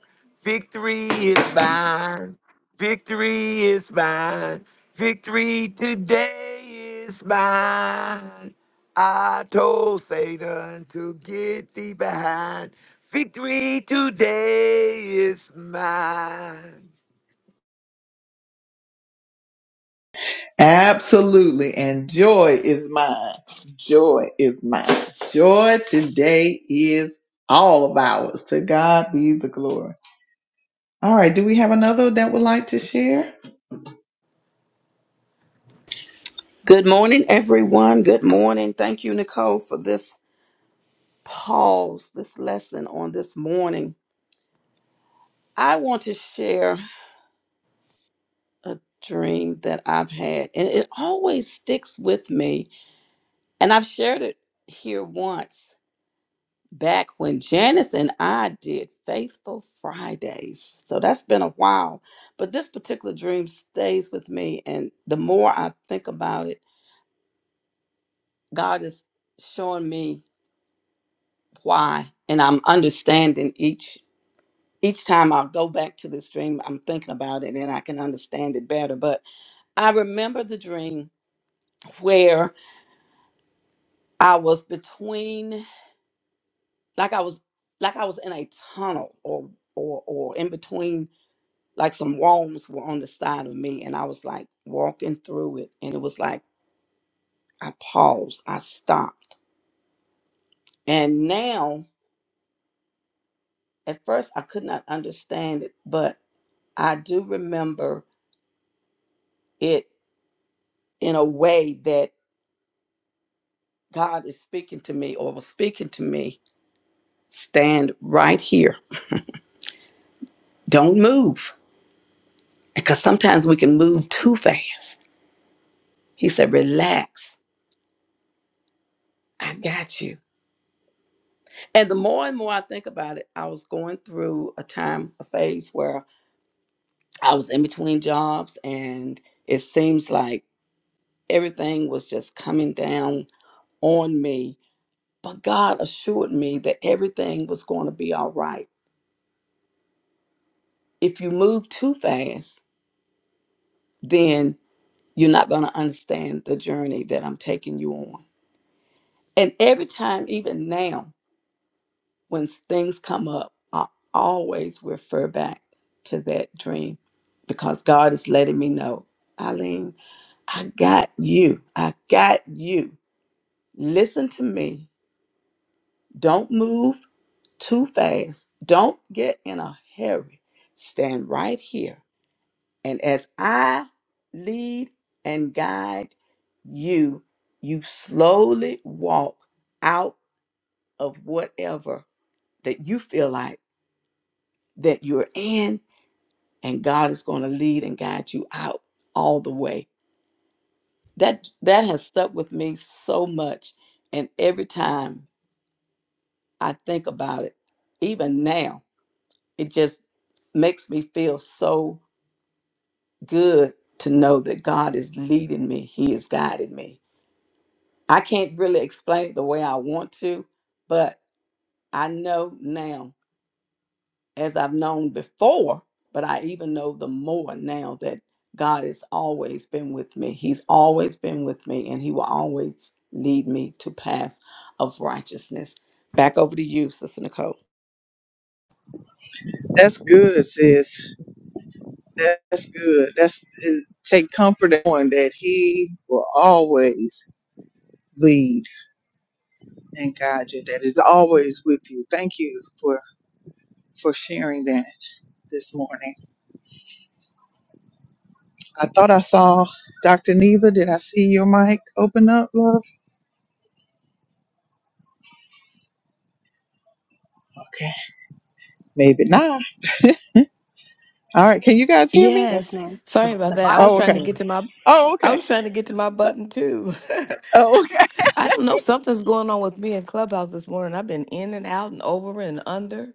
Speaker 4: Victory is mine. Victory is mine. Victory today is mine. I told Satan to get thee behind. Victory today is mine.
Speaker 1: Absolutely. And joy is mine. Joy is mine. Joy today is all of ours. To God be the glory. All right. Do we have another that would like to share?
Speaker 2: Good morning, everyone. Good morning. Thank you, Nicole, for this pause, this lesson on this morning. I want to share. a dream that I've had, and it always sticks with me. And I've shared it here once back when Janice and I did Faithful Fridays. So that's been a while. But this particular dream stays with me. And the more I think about it, God is showing me why. And I'm understanding each each time I'll go back to this dream, I'm thinking about it and I can understand it better. But I remember the dream where I was between like I was like I was in a tunnel or or or in between like some walls were on the side of me and I was like walking through it and it was like I paused, I stopped. And now at first I could not understand it, but I do remember it in a way that God is speaking to me or was speaking to me. Stand right here. Don't move. Because sometimes we can move too fast. He said, relax I got you. And the more and more I think about it, I was going through a time, a phase where I was in between jobs, and it seems like everything was just coming down on me. But God assured me that everything was going to be all right. If you move too fast, then you're not going to understand the journey that I'm taking you on. And every time, even now, when things come up, I always refer back to that dream because God is letting me know, Eileen, I got you. I got you. Listen to me. Don't move too fast. Don't get in a hurry. Stand right here. And as I lead and guide you, you slowly walk out of whatever that you feel like that you're in and God is going to lead and guide you out all the way. That that has stuck with me so much and every time I think about it, even now, it just makes me feel so good to know that God is leading me. He is guiding me. I can't really explain it the way I want to, but I know now as I've known before, but I even know the more now that God has always been with me. He's always been with me, and He will always lead me to paths of righteousness. Back over to you, Sister Nicole.
Speaker 1: That's good, sis. That's good. That's take comfort in knowing that He will always lead and guide you. That is always with you. Thank you for for sharing that this morning. I thought I saw Dr. Neva. Did I see your mic open up, love? Okay, maybe not. All right, can you guys hear me?
Speaker 6: Yes,
Speaker 7: Yes.
Speaker 6: ma'am. The,
Speaker 7: Sorry about
Speaker 6: the
Speaker 7: that. I was
Speaker 1: Oh,
Speaker 6: Bible
Speaker 7: trying to
Speaker 1: okay.
Speaker 6: says,
Speaker 7: get to my
Speaker 1: Oh,
Speaker 7: I
Speaker 1: okay.
Speaker 7: was trying to get to my button too.
Speaker 1: Oh, okay.
Speaker 7: I don't know. Something's going on with me in Clubhouse this morning. I've been in and out and over and under.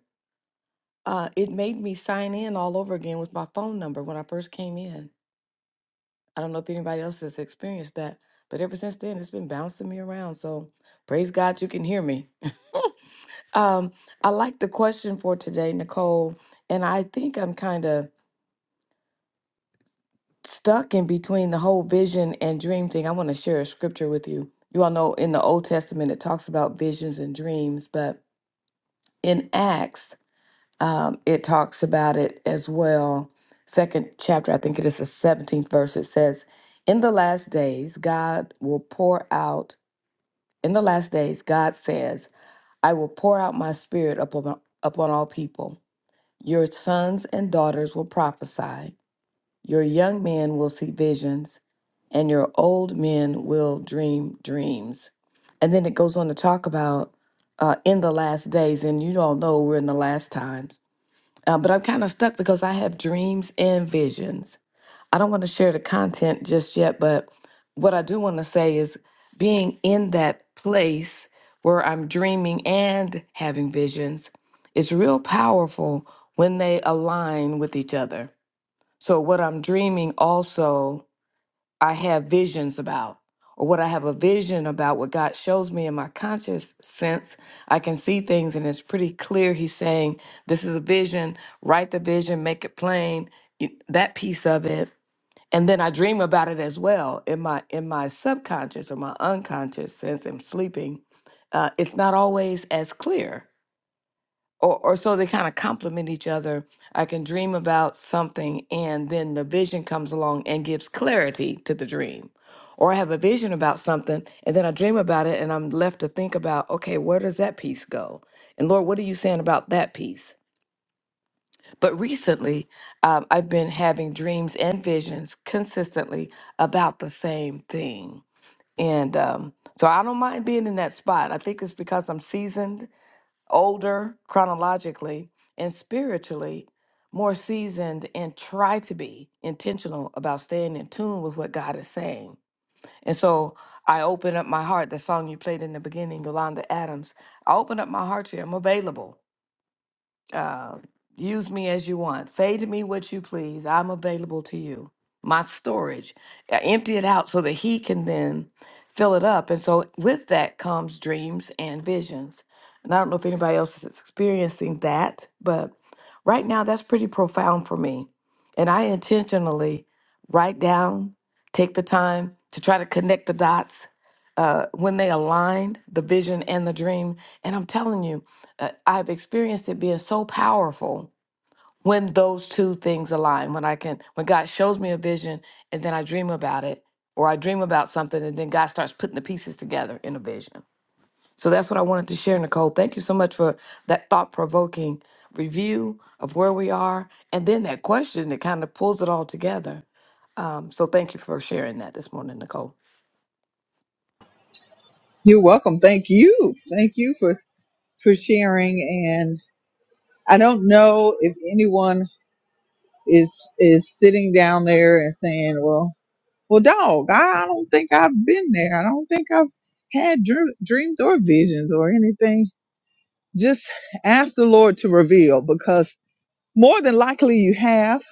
Speaker 7: Uh, it made me sign in all over again with my phone number when I first came in. I don't know if anybody else has experienced that, but ever since then, it's been bouncing me around. So praise God you can hear me. um, I like the question for today, Nicole, and I think I'm kind of. stuck in between the whole vision and dream thing, I want to share a scripture with you. You all know in the Old Testament it talks about visions and dreams, but in Acts um, it talks about it as well. Second chapter, I think it is the 17th verse, it says, In the last days, God will pour out, in the last days, God says, I will pour out my spirit upon, upon all people. Your sons and daughters will prophesy. Your young men will see visions, and your old men will dream dreams. And then it goes on to talk about uh, in the last days, and you all know we're in the last times. Uh, but I'm kind of stuck because I have dreams and visions. I don't want to share the content just yet, but what I do want to say is being in that place where I'm dreaming and having visions is real powerful when they align with each other. So, what I'm dreaming also, I have visions about, or what I have a vision about, what God shows me in my conscious sense, I can see things and it's pretty clear. He's saying, This is a vision, write the vision, make it plain, you- that piece of it. And then I dream about it as well in my in my subconscious or my unconscious sense. I'm sleeping. Uh, it's not always as clear or, or so they kind of complement each other. I can dream about something, and then the vision comes along and gives clarity to the dream. Or I have a vision about something, and then I dream about it, and I'm left to think about, okay, where does that piece go? And Lord, what are you saying about that piece? But recently, um, I've been having dreams and visions consistently about the same thing. And um, so I don't mind being in that spot. I think it's because I'm seasoned older chronologically and spiritually, more seasoned, and try to be intentional about staying in tune with what God is saying. And so I open up my heart, the song you played in the beginning, Yolanda Adams. I open up my heart to Him, I'm available uh, use me as you want. Say to me what you please. I'm available to you. My storage, Uh, empty it out so that he can then fill it up. And so with that comes dreams and visions. And I don't know if anybody else is experiencing that, but right now that's pretty profound for me. And I intentionally write down, take the time to try to connect the dots uh, when they aligned, the vision and the dream. And I'm telling you uh, I've experienced it being so powerful when those two things align. When I can, when God shows me a vision and then I dream about it, or I dream about something and then God starts putting the pieces together in a vision. So that's what I wanted to share, Nicole. Thank you so much for that thought provoking review of where we are and then that question that kind of pulls it all together. Um, so thank you for sharing that this morning, Nicole.
Speaker 1: You're welcome. Thank you. Thank you for for sharing. And I don't know if anyone is is sitting down there and saying, "Well, well, dog, I don't think I've been there. I don't think I've had dr- dreams or visions or anything." Just ask the Lord to reveal, because more than likely you have,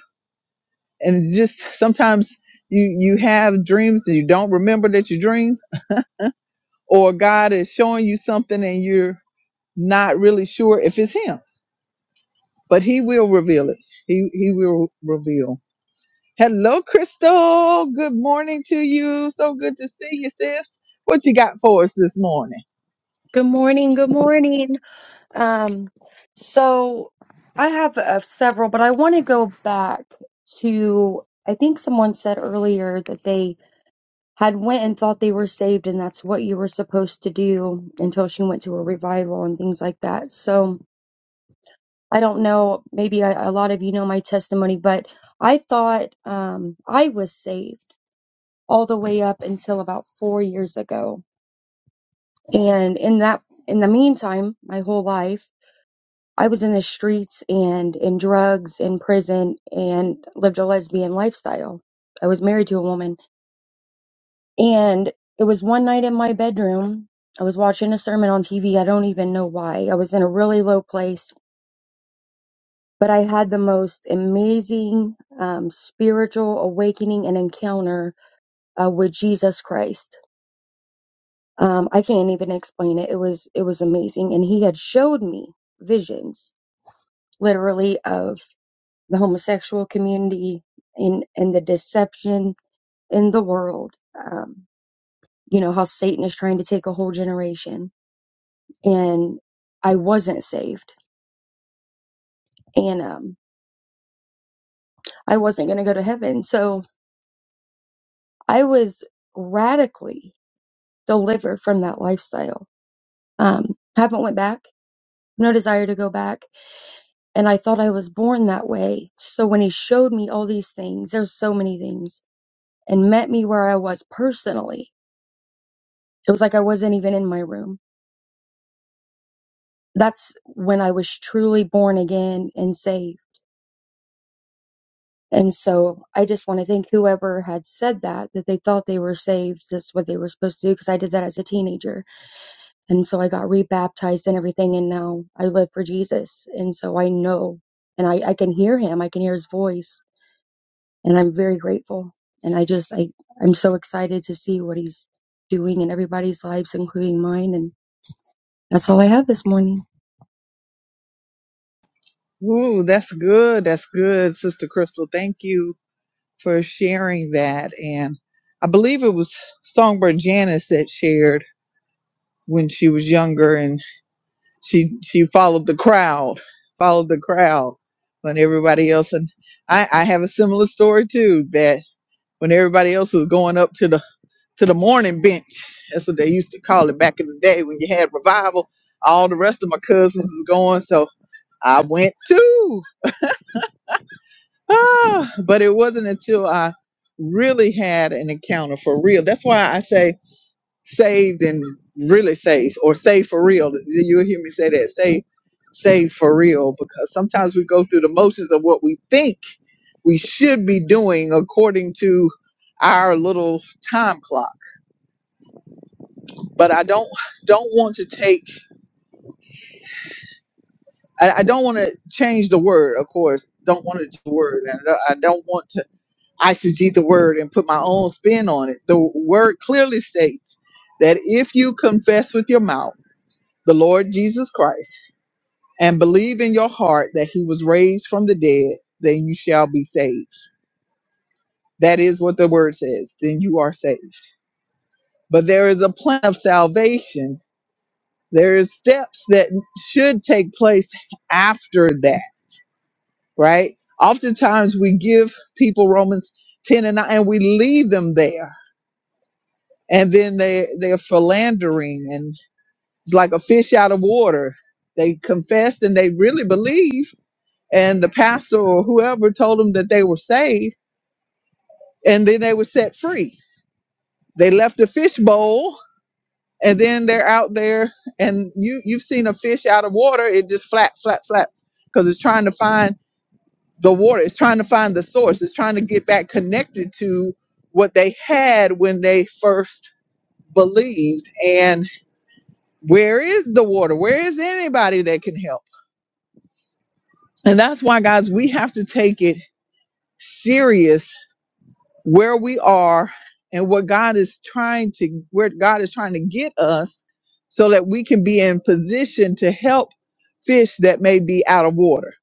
Speaker 1: and just sometimes you you have dreams and you don't remember that you dreamed or God is showing you something and you're not really sure if it's him, but he will reveal it. He he will reveal. Hello, Crystal. Good morning to you. So good to see you, sis. What you got for us this morning?
Speaker 8: Good morning. Good morning. Um, so I have uh, several, but I want to go back to, I think someone said earlier that they had went and thought they were saved and that's what you were supposed to do until she went to a revival and things like that. So I don't know, maybe I, a lot of you know my testimony, but I thought um, I was saved all the way up until about four years ago. And in that, in the meantime, my whole life, I was in the streets and in drugs, in prison, and lived a lesbian lifestyle. I was married to a woman. And it was one night in my bedroom. I was watching a sermon on TV. I don't even know why. I was in a really low place, but I had the most amazing um, spiritual awakening and encounter uh, with Jesus Christ. Um, I can't even explain it. It was it was amazing, and He had showed me visions, literally of the homosexual community and and the deception in the world um you know how satan is trying to take a whole generation and i wasn't saved and um i wasn't going to go to heaven so i was radically delivered from that lifestyle um haven't went back no desire to go back and i thought i was born that way so when he showed me all these things there's so many things and met me where i was personally it was like i wasn't even in my room that's when I was truly born again and saved. And so I just want to thank whoever had said that, that they thought they were saved. That's what they were supposed to do because I did that as a teenager. And so I got rebaptized and everything. And now I live for Jesus. And so I know and I, I can hear him. I can hear his voice and I'm very grateful. And I just, I, I'm so excited to see what he's doing in everybody's lives, including mine. And that's all I have this morning.
Speaker 1: Ooh, that's good. That's good, Sister Crystal. Thank you for sharing that. And I believe it was Songbird Janice that shared when she was younger and she she followed the crowd, followed the crowd when everybody else and I, I have a similar story too, that when everybody else was going up to the to the morning bench, that's what they used to call it back in the day when you had revival, all the rest of my cousins was going, so I went too. Ah, but it wasn't until I really had an encounter for real. That's why I say saved and really saved or saved for real. You'll hear me say that. Saved, saved for real because sometimes we go through the motions of what we think we should be doing according to our little time clock. But I don't don't want to take I, I don't want to change the word, of course. Don't want to change the word. And I don't I don't want to eisegete the word and put my own spin on it. The word clearly states that if you confess with your mouth the Lord Jesus Christ and believe in your heart that he was raised from the dead, then you shall be saved. That is what the word says. Then you are saved. But there is a plan of salvation. There is steps that should take place after that, right? Oftentimes we give people Romans 10 and 9 and we leave them there and then they they're philandering and it's like a fish out of water they confessed and they really believe and the pastor or whoever told them that they were saved and then they were set free they left the fish bowl and then they're out there and you you've seen a fish out of water it just flaps flaps flaps because it's trying to find the water it's trying to find the source it's trying to get back connected to what they had when they first believed and. Where is the water? Where is anybody that can help? And that's why, guys, we have to take it serious where we are and what God is trying to, where God is trying to get us so that we can be in position to help fish that may be out of water.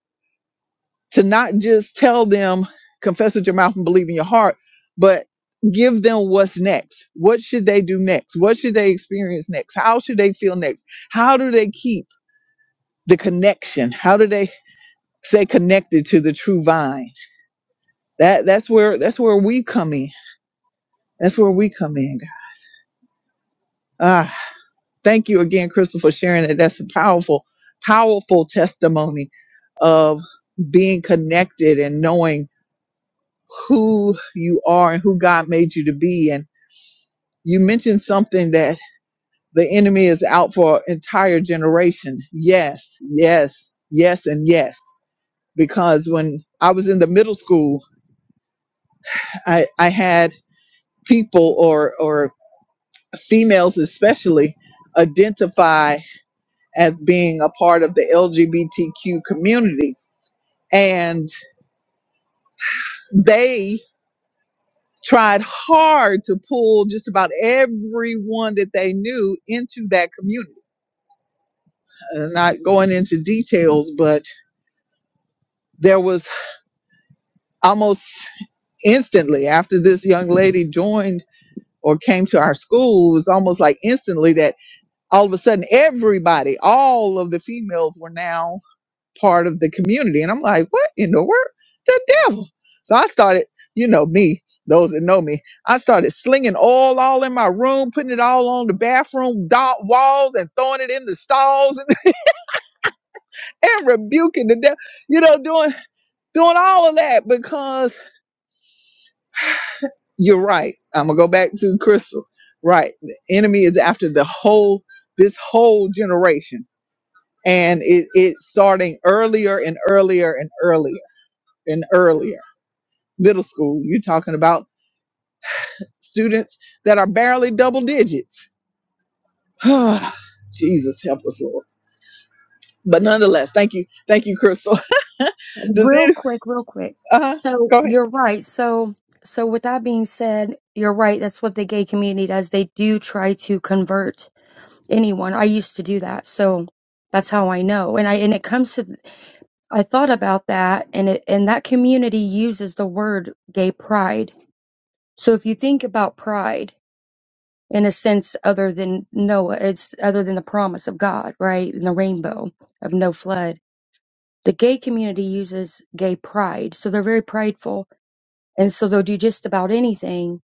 Speaker 1: To not just tell them, confess with your mouth and believe in your heart, but give them what's next. What should they do next? What should they experience next? How should they feel next? How do they keep the connection? How do they stay connected to the true vine. That that's where that's where we come in. That's where we come in. God. Ah, thank you again, Crystal, for sharing that. That's a powerful, powerful testimony of being connected and knowing who you are and who God made you to be. And you mentioned something that the enemy is out for an entire generation. Yes, yes, yes, and yes. Because when I was in the middle school, I, I had people or or females especially identify as being a part of the LGBTQ community. And they tried hard to pull just about everyone that they knew into that community. Uh, not going into details, but there was almost instantly after this young lady joined or came to our school, it was almost like instantly that all of a sudden everybody, all of the females were now part of the community. And I'm like, what in the world? The devil. So I started, you know, me, those that know me, I started slinging oil all in my room, putting it all on the bathroom do- walls and throwing it in the stalls and, and rebuking the devil, you know, doing, doing all of that because you're right. I'm going to go back to Crystal. Right. The enemy is after the whole, this whole generation. And it, it's starting earlier and earlier and earlier and earlier middle school. You're talking about students that are barely double digits. Jesus help us, Lord. But nonetheless, thank you, thank you, Crystal. Does
Speaker 8: Real
Speaker 1: it?
Speaker 8: quick, real quick.
Speaker 1: Uh,
Speaker 8: So
Speaker 1: go ahead.
Speaker 8: you're right. So so with that being said, you're right. That's what the gay community does. They do try to convert anyone. I used to do that. So that's how I know. And I and it comes to I thought about that and it and that community uses the word gay pride. So if you think about pride in a sense other than Noah, it's other than the promise of God, right? And the rainbow of no flood. The gay community uses gay pride. So they're very prideful And so they'll do just about anything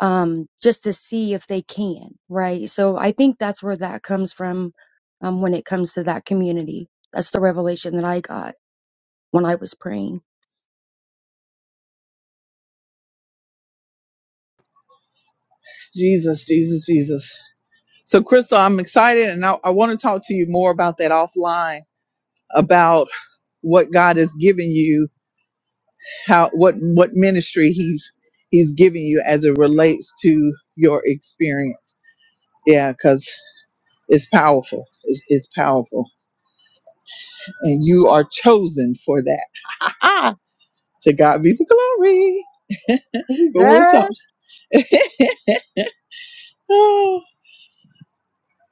Speaker 8: um, just to see if they can, right? So I think that's where that comes from um, when it comes to that community. That's the revelation that I got when I was praying.
Speaker 1: Jesus, Jesus, Jesus. So, Crystal, I'm excited, and I, I want to talk to you more about that offline about what God has given you, how what what ministry He's He's giving you as it relates to your experience. Yeah, because it's powerful. It's, it's powerful. and you are chosen for that. to God be the glory. But we'll talk.
Speaker 8: Jesus.
Speaker 1: Oh,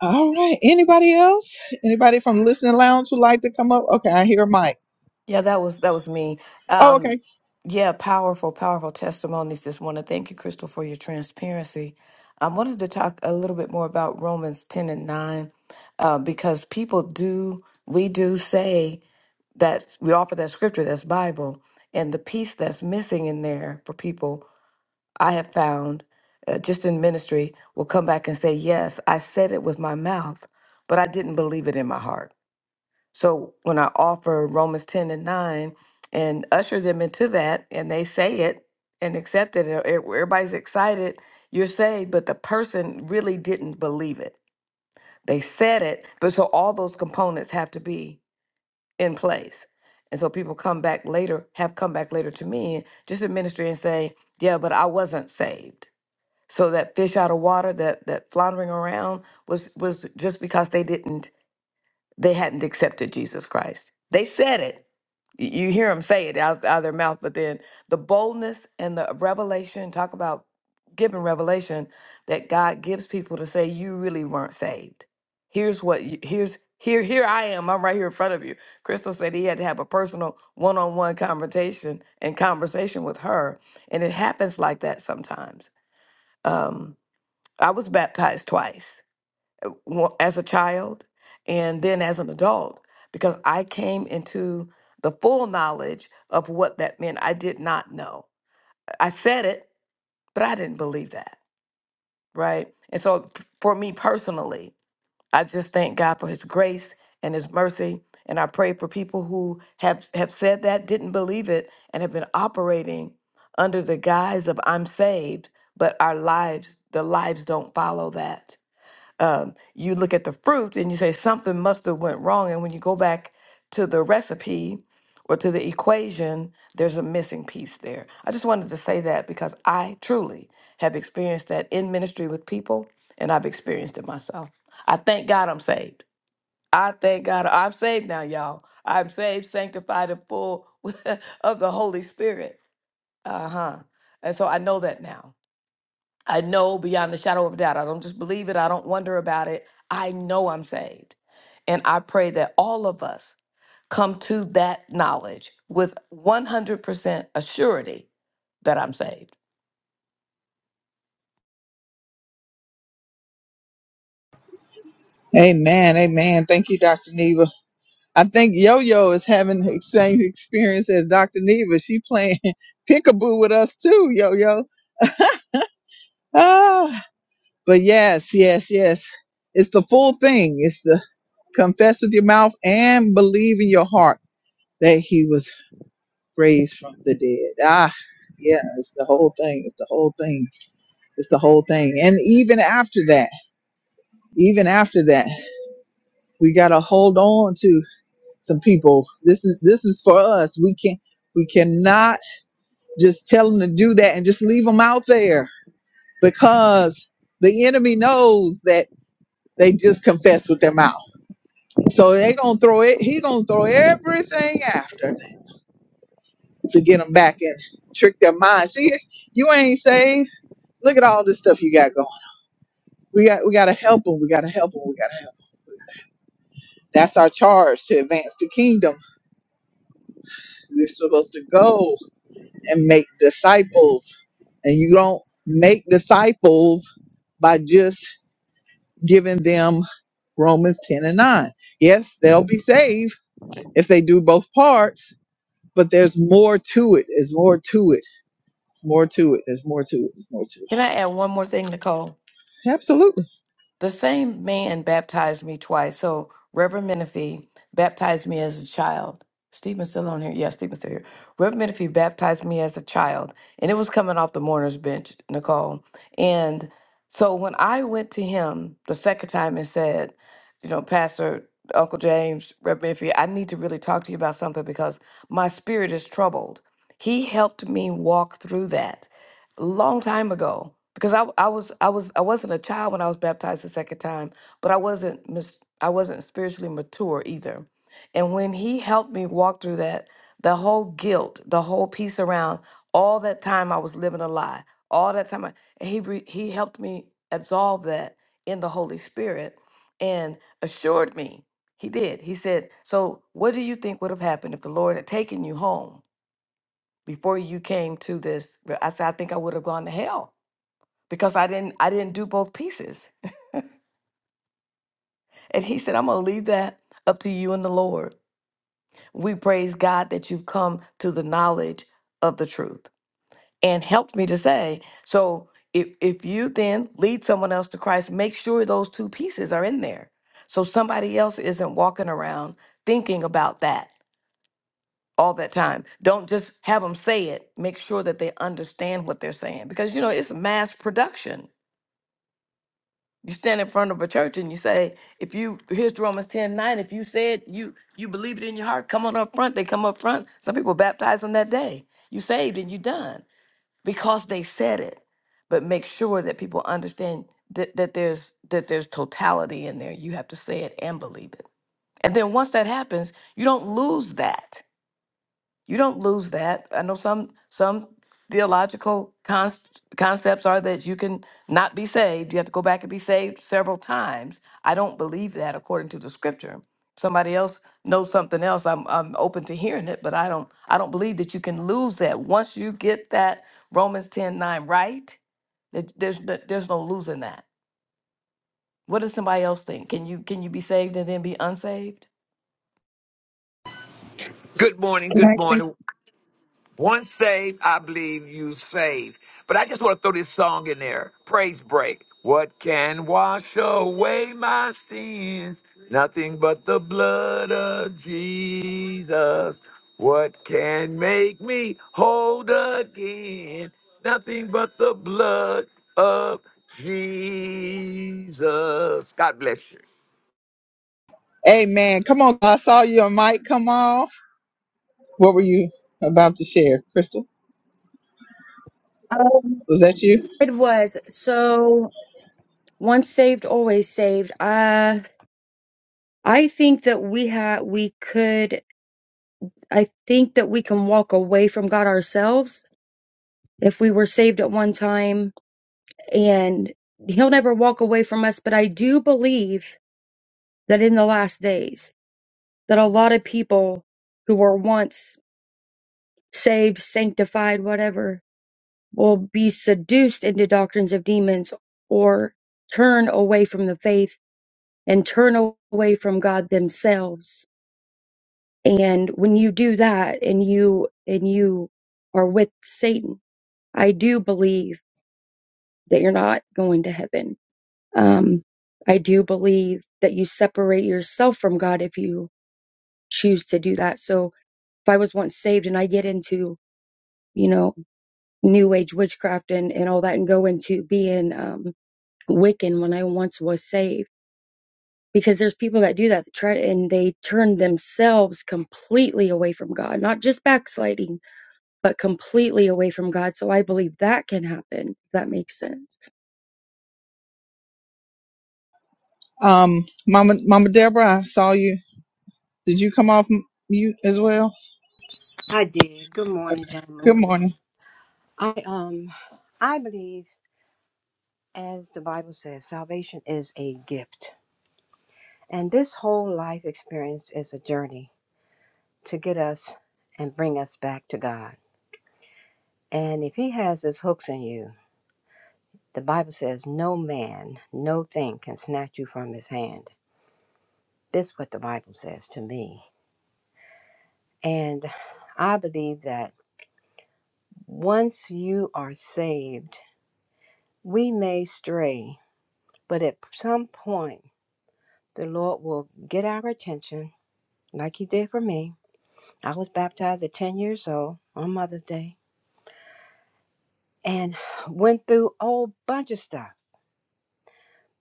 Speaker 1: All right. Anybody else? Anybody from the listening lounge would like to come up? Okay, I hear a mic.
Speaker 7: Yeah, that was that was me.
Speaker 1: Oh,
Speaker 7: Um,
Speaker 1: okay.
Speaker 7: yeah, powerful, powerful testimonies this morning. Thank you, Crystal, for your transparency. I wanted to talk a little bit more about Romans ten and nine, uh, because people do we do say that we offer that scripture, that's Bible, and the piece that's missing in there for people, I have found, uh, just in ministry, will come back and say, "Yes, I said it with my mouth, but I didn't believe it in my heart." So when I offer Romans 10 and 9 and usher them into that, and they say it and accept it, and e- everybody's excited, you're saved, but the person really didn't believe it. They said it, but so all those components have to be in place. And so people come back later, have come back later to me, just in ministry, and say, Yeah, but I wasn't saved. So that fish out of water, that that floundering around was was just because they didn't they hadn't accepted Jesus Christ. They said it. Y- You hear them say it out, out of their mouth, but then the boldness and the revelation talk about giving revelation that God gives people to say you really weren't saved. Here's what you, here's here here I am. I'm right here in front of you. Crystal said he had to have a personal one-on-one conversation and conversation with her, and it happens like that sometimes. Um, I was baptized twice wa- as a child and then as an adult because I came into the full knowledge of what that meant. I did not know. I said it, but I didn't believe that, right? And so p- for me personally, I just thank God for his grace and his mercy and I pray for people who have have said that, didn't believe it and have been operating under the guise of I'm saved, but our lives the lives don't follow that um, you look at the fruit and you say something must have went wrong and when you go back to the recipe or to the equation there's a missing piece there i just wanted to say that because i truly have experienced that in ministry with people and i've experienced it myself i thank god i'm saved i thank god i'm saved now y'all i'm saved sanctified and full of the holy spirit uh-huh and so i know that now I know beyond the shadow of a doubt. I don't just believe it. I don't wonder about it. I know I'm saved. And I pray that all of us come to that knowledge with 100% assurity that I'm saved.
Speaker 1: Amen. Amen. Thank you, Dr. Neva. I think Yo Yo is having the same experience as Dr. Neva. She playing peekaboo with us too, Yo Yo. Ah, but yes, yes, yes. It's the full thing. It's the confess with your mouth and believe in your heart that he was raised from the dead. Ah, yeah, it's the whole thing. It's the whole thing. It's the whole thing. And even after that, even after that, we gotta hold on to some people. This is this is for us. We can we cannot just tell them to do that and just leave them out there because the enemy knows that they just confess with their mouth. So they gonna throw it. He gonna throw everything after them to get them back and trick their mind. See, you ain't saved Look at all this stuff you got going. We got we gotta help them. We gotta help them. We gotta help. 'em. That's our charge to advance the kingdom. We're supposed to go and make disciples. And you don't make disciples by just giving them Romans 10 and 9. Yes, they'll be saved if they do both parts, but there's more to it. There's more to it. There's more to it. There's more to it. There's more to
Speaker 7: Can I add one more thing, Nicole?
Speaker 1: it. Absolutely.
Speaker 7: The same man baptized me twice. So Reverend Menifee baptized me as a child. Stephen's still on here. Yeah, Stephen's still here. Reverend Menifee baptized me as a child, and it was coming off the mourner's bench, Nicole. And so when I went to him the second time and said, you know, Pastor Uncle James, Reverend Menifee, I need to really talk to you about something because my spirit is troubled. He helped me walk through that a long time ago because I I was I was I wasn't a child when I was baptized the second time, but I wasn't mis- I wasn't spiritually mature either. And when he helped me walk through that, the whole guilt, the whole piece around all that time I was living a lie, all that time I, and he re, he helped me absolve that in the Holy Spirit and assured me. He did. He said, "So what do you think would have happened if the Lord had taken you home?" before you came to this i said i think i would have gone to hell because i didn't i didn't do both pieces and he said i'm gonna leave that up to you and the lord we praise god that you've come to the knowledge of the truth and helped me to say so if, if you then lead someone else to christ make sure those two pieces are in there so somebody else isn't walking around thinking about that all that time don't just have them say it make sure that they understand what they're saying because you know it's mass production You stand in front of a church and you say, if you here's Romans 10 9, if you said you you believe it in your heart, come on up front. They come up front. Some people baptized on that day. You saved and you done because they said it. But make sure that people understand that, that there's that there's totality in there. You have to say it and believe it. And then once that happens, you don't lose that you don't lose that. I know some some theological cons- concepts are that you can not be saved. You have to go back and be saved several times. I don't believe that according to the scripture. If somebody else knows something else. I'm I'm open to hearing it, but I don't I don't believe that you can lose that once you get that Romans 10 9 right. That there's no, there's no losing that. What does somebody else think? Can you can you be saved and then be unsaved?
Speaker 4: Good morning.
Speaker 8: Can I
Speaker 4: Good
Speaker 8: say?
Speaker 4: morning. Once saved, I believe you saved. But I just want to throw this song in there. Praise break. What can wash away my sins? Nothing but the blood of Jesus. What can make me whole again? Nothing but the blood of Jesus. God bless you.
Speaker 1: Amen. Come on. I saw your mic. Come on. What were you about to share, Crystal?
Speaker 8: Um,
Speaker 1: Was that you?
Speaker 8: it was so. once saved always saved uh i think that we have we could i think that we can walk away from god ourselves if we were saved at one time and he'll never walk away from us but i do believe that in the last days that a lot of people who were once saved sanctified whatever will be seduced into doctrines of demons or turn away from the faith and turn away from god themselves And when you do that and you, and you are with Satan, I do believe that you're not going to heaven. Um, I do believe that you separate yourself from God if you choose to do that. So if I was once saved and I get into, you know, new age witchcraft and, and all that and go into being, um, Wiccan when I once was saved, because there's people that do that that try and they turn themselves completely away from God, not just backsliding but completely away from God. So I believe that can happen. If that makes sense.
Speaker 1: Um, Mama, Mama Deborah, I saw you. Did you come off m- mute as well?
Speaker 6: I did. Good morning,
Speaker 1: Okay.
Speaker 6: gentlemen.
Speaker 1: Good morning.
Speaker 6: I um I believe as the Bible says, salvation is a gift. And this whole life experience is a journey to get us and bring us back to God. And if he has his hooks in you, the Bible says no man, no thing can snatch you from his hand. This is what the Bible says to me. And I believe that once you are saved, we may stray But at some point, the Lord will get our attention, like He did for me. I was baptized at 10 years old on Mother's Day and went through a whole bunch of stuff.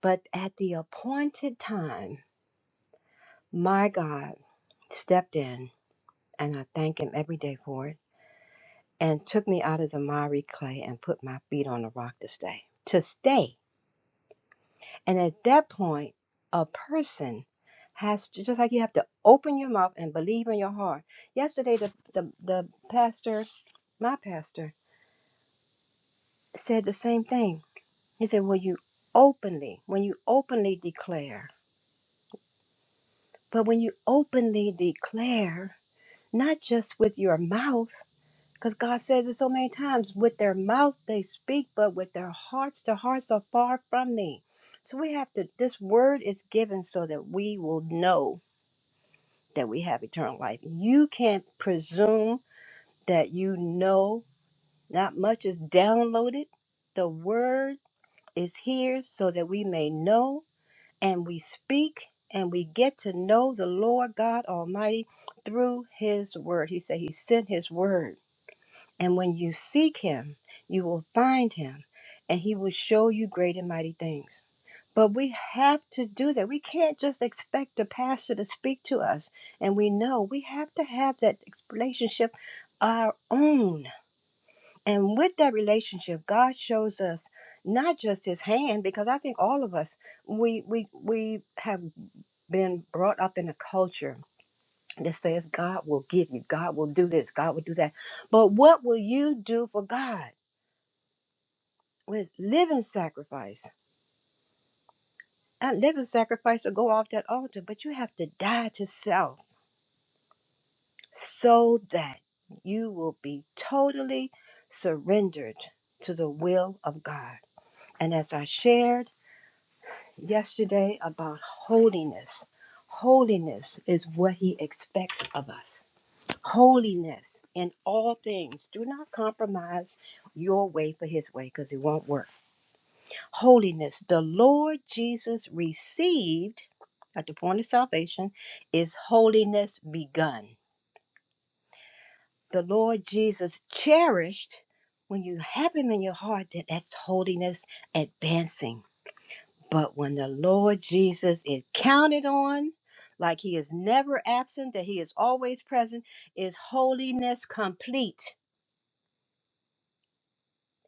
Speaker 6: But at the appointed time, my God stepped in, and I thank Him every day for it, and took me out of the miry clay and put my feet on the rock to stay. To stay. And at that point, a person has to, just like you have to open your mouth and believe in your heart. Yesterday, the, the, the pastor, my pastor, said the same thing. He said, Well, you openly, when you openly declare, but when you openly declare, not just with your mouth, because God says it so many times with their mouth they speak, but with their hearts, their hearts are far from me. So we have to, this word is given so that we will know that we have eternal life. You can't presume that you know. Not much is downloaded. The word is here so that we may know and we speak and we get to know the Lord God Almighty through his word. He said he sent his word. And when you seek him, you will find him and he will show you great and mighty things. But we have to do that. We can't just expect the pastor to speak to us. And we know we have to have that relationship our own. And with that relationship, God shows us not just his hand, because I think all of us we we we have been brought up in a culture that says God will give you, God will do this, God will do that. But what will you do for God with living sacrifice? That living sacrifice will go off that altar, but you have to die to self so that you will be totally surrendered to the will of God. And as I shared yesterday about holiness, holiness is what He expects of us. Holiness in all things. Do not compromise your way for His way because it won't work. Holiness. The Lord Jesus received at the point of salvation is holiness begun. the Lord Jesus cherished, when you have him in your heart, that that's holiness advancing. But when the Lord Jesus is counted on, like he is never absent, that he is always present, is holiness complete.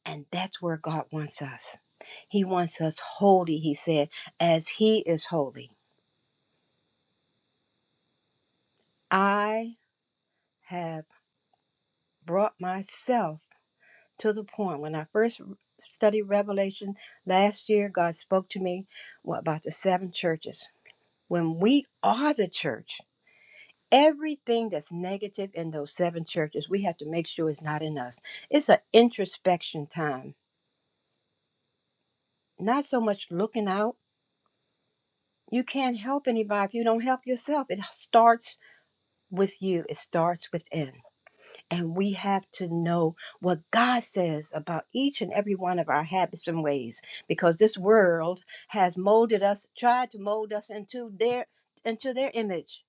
Speaker 6: And that's where God wants us. He wants us holy, he said, as he is holy. I have brought myself to the point when I first studied Revelation last year, God spoke to me about the seven churches. When we are the church, everything that's negative in those seven churches, we have to make sure it's not in us. It's an introspection time, not so much looking out. You can't help anybody if you don't help yourself. It starts with you, it starts within. And we have to know what God says about each and every one of our habits and ways because this world has molded us, tried to mold us into their into their image,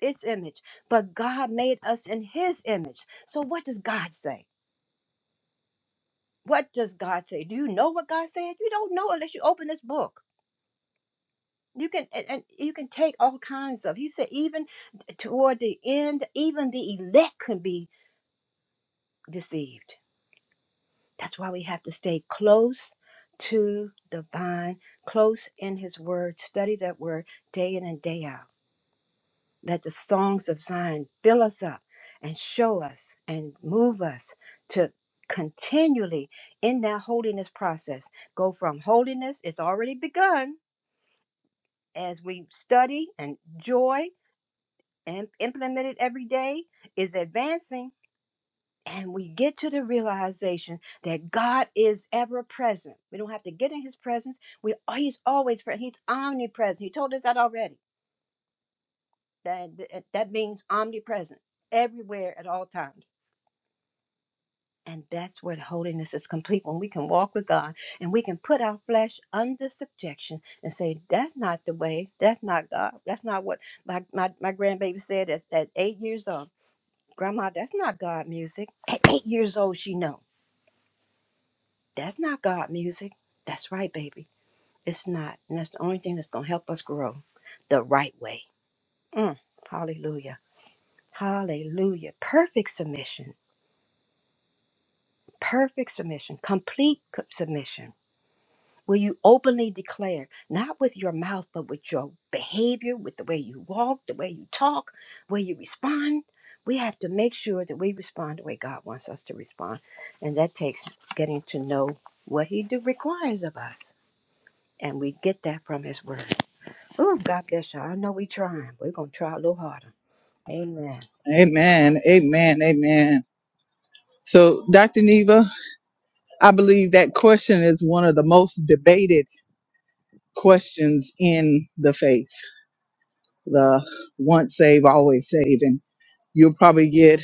Speaker 6: its image. But God made us in his image. So what does God say? What does God say? Do you know what God said? You don't know unless you open this book. You can and and you can take all kinds of. He said even toward the end, even the elect can be deceived That's why we have to stay close to the vine, close in his word, study that word day in and day out. Let the songs of Zion fill us up and show us and move us to continually in that holiness process. Go from holiness, it's already begun as we study and joy and implement it every day is advancing and we get to the realization that God is ever present. We don't have to get in His presence. We oh, He's always present. He's omnipresent. He told us that already. That that means omnipresent, everywhere at all times. And that's where holiness is complete when we can walk with God and we can put our flesh under subjection and say, That's not the way. That's not God. That's not what my, my, my grandbaby said at, at eight years old. Grandma, that's not God music. At eight years old, she know. That's not God music. That's right, baby. It's not. And that's the only thing that's going to help us grow the right way. Mm. Hallelujah. Hallelujah. Perfect submission. Perfect submission. Complete co- submission. Will you openly declare, not with your mouth, but with your behavior, with the way you walk, the way you talk, the way you respond? We have to make sure that we respond the way God wants us to respond. And that takes getting to know what He do requires of us. And we get that from his word. Ooh, God bless y'all. I know we trying. We're gonna try a little harder. Amen.
Speaker 1: Amen. Amen. Amen. So, Dr. Neva, I believe that question is one of the most debated questions in the faith. The once save, always save. And you'll probably get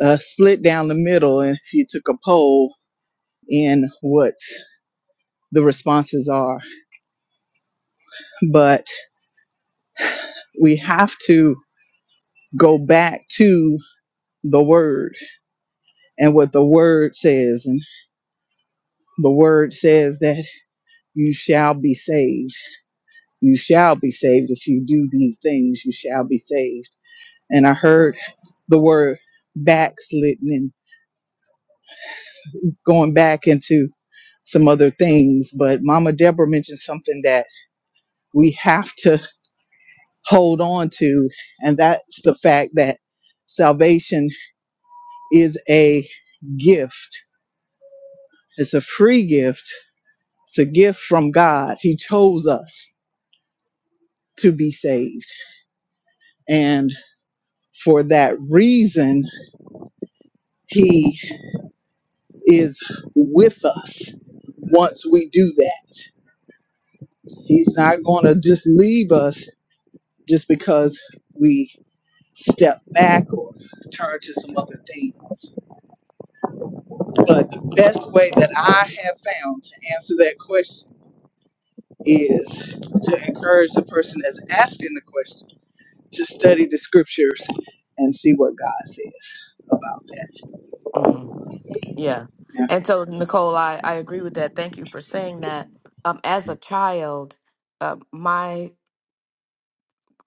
Speaker 1: a split down the middle if you took a poll in what the responses are. But we have to go back to the word and what the word says. And the word says that you shall be saved. You shall be saved. If you do these things, you shall be saved. And I heard the word backslidden and going back into some other things. But Mama Deborah mentioned something that we have to hold on to, and that's the fact that salvation is a gift. It's a free gift. It's a gift from God. He chose us to be saved. And for that reason, He is with us once we do that. He's not going to just leave us just because we step back or turn to some other things. But the best way that I have found to answer that question is to encourage the person that's asking the question Just study the scriptures and see what God says about that.
Speaker 7: hmm Yeah.
Speaker 1: Yeah.
Speaker 7: And so, Nicole, I, I agree with that. Thank you for saying that. Um, as a child, uh, my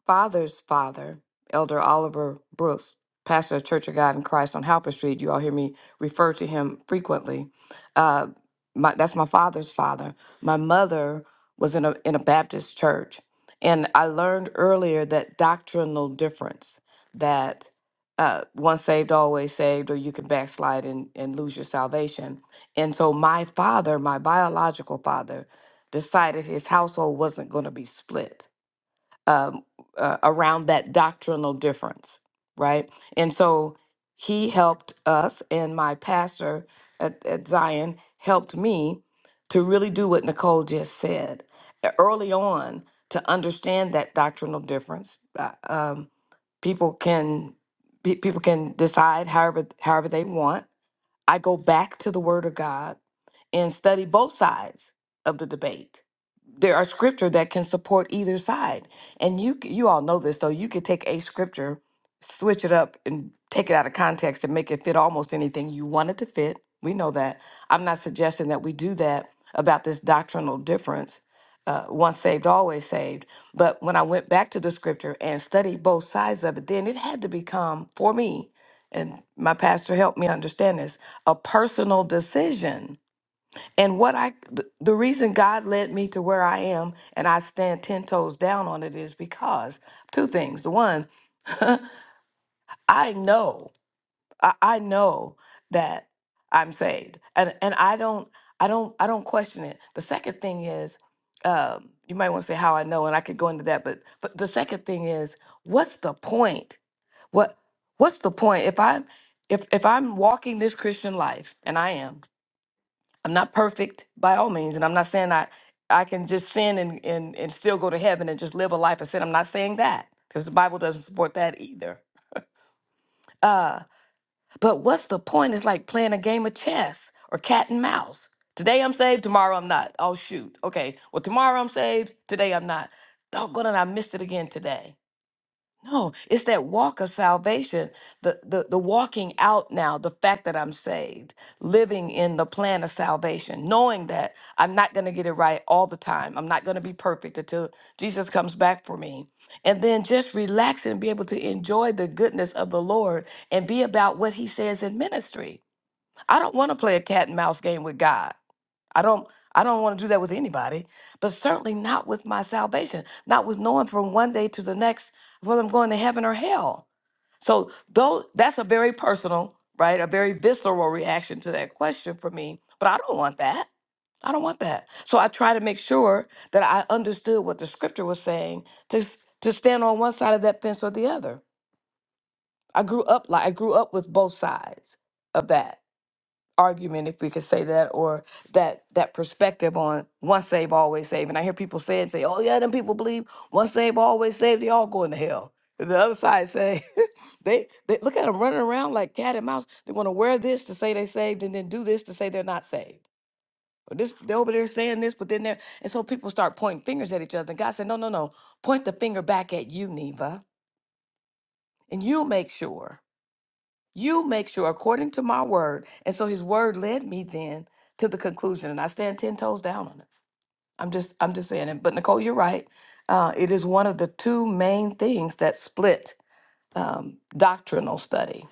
Speaker 7: father's father, Elder Oliver Brooks, pastor of Church of God in Christ on Halper Street. You all hear me refer to him frequently. Uh, my, that's my father's father. My mother was in a in a Baptist church, and I learned earlier that doctrinal difference that. Uh, once saved, always saved, or you can backslide and, and lose your salvation. And so, my father, my biological father, decided his household wasn't going to be split um, uh, around that doctrinal difference, right? And so he helped us, and my pastor at, at Zion helped me to really do what Nicole just said E- early on to understand that doctrinal difference. Uh, um, people can pe- people can decide however however they want I go back to the Word of God and study both sides of the debate. There are scripture that can support either side, and you c- you all know this. So you could take a scripture, switch it up, and take it out of context and make it fit almost anything you want it to fit. We know that. I'm not suggesting that we do that about this doctrinal difference. Uh, once saved, always saved. But when I went back to the scripture and studied both sides of it, then it had to become for me, and my pastor helped me understand this a personal decision. And what I, th- the reason God led me to where I am and I stand 10 toes down on it is because two things. The one, I know, I, I know that I'm saved and, and I don't, I don't, I don't question it. The second thing is, um, you might want to say how I know, and I could go into that, but, but the second thing is, what's the point? What, what's the point? If I'm, if, if I'm walking this Christian life and I am, I'm not perfect by all means, and I'm not saying I I can just sin and and, and still go to heaven and just live a life of sin. I'm not saying that because the Bible doesn't support that either. Uh, but what's the point? It's like playing a game of chess or cat and mouse. Today I'm saved, tomorrow I'm not. Oh shoot. Okay. Well, tomorrow I'm saved, today I'm not. Doggone it, I missed it again today. No, it's that walk of salvation, the, the the walking out now, the fact that I'm saved, living in the plan of salvation, knowing that I'm not going to get it right all the time. I'm not going to be perfect until Jesus comes back for me. And then just relax and be able to enjoy the goodness of the Lord and be about what he says in ministry. I don't want to play a cat and mouse game with God. I don't I don't want to do that with anybody, but certainly not with my salvation, not with knowing from one day to the next whether I'm going to heaven or hell. So though that's a very personal, right? A very visceral reaction to that question for me, but I don't want that. I don't want that. So I try to make sure that I understood what the scripture was saying to s- to stand on one side of that fence or the other. I grew up like I grew up with both sides of that argument if we could say that or that that perspective on once saved always saved and i hear people say it say oh yeah them people believe once saved always saved they all going to hell And the other side say they they look at them running around like cat and mouse they want to wear this to say they saved and then do this to say they're not saved or this they're over there saying this but then they're and so people start pointing fingers at each other and god said no no no point the finger back at you neva and you make sure you make sure according to my word. And so his word led me then to the conclusion. And I stand ten toes down on it. I'm just I'm just saying it. But Nicole, you're right. Uh, it is one of the two main things that split um, doctrinal study.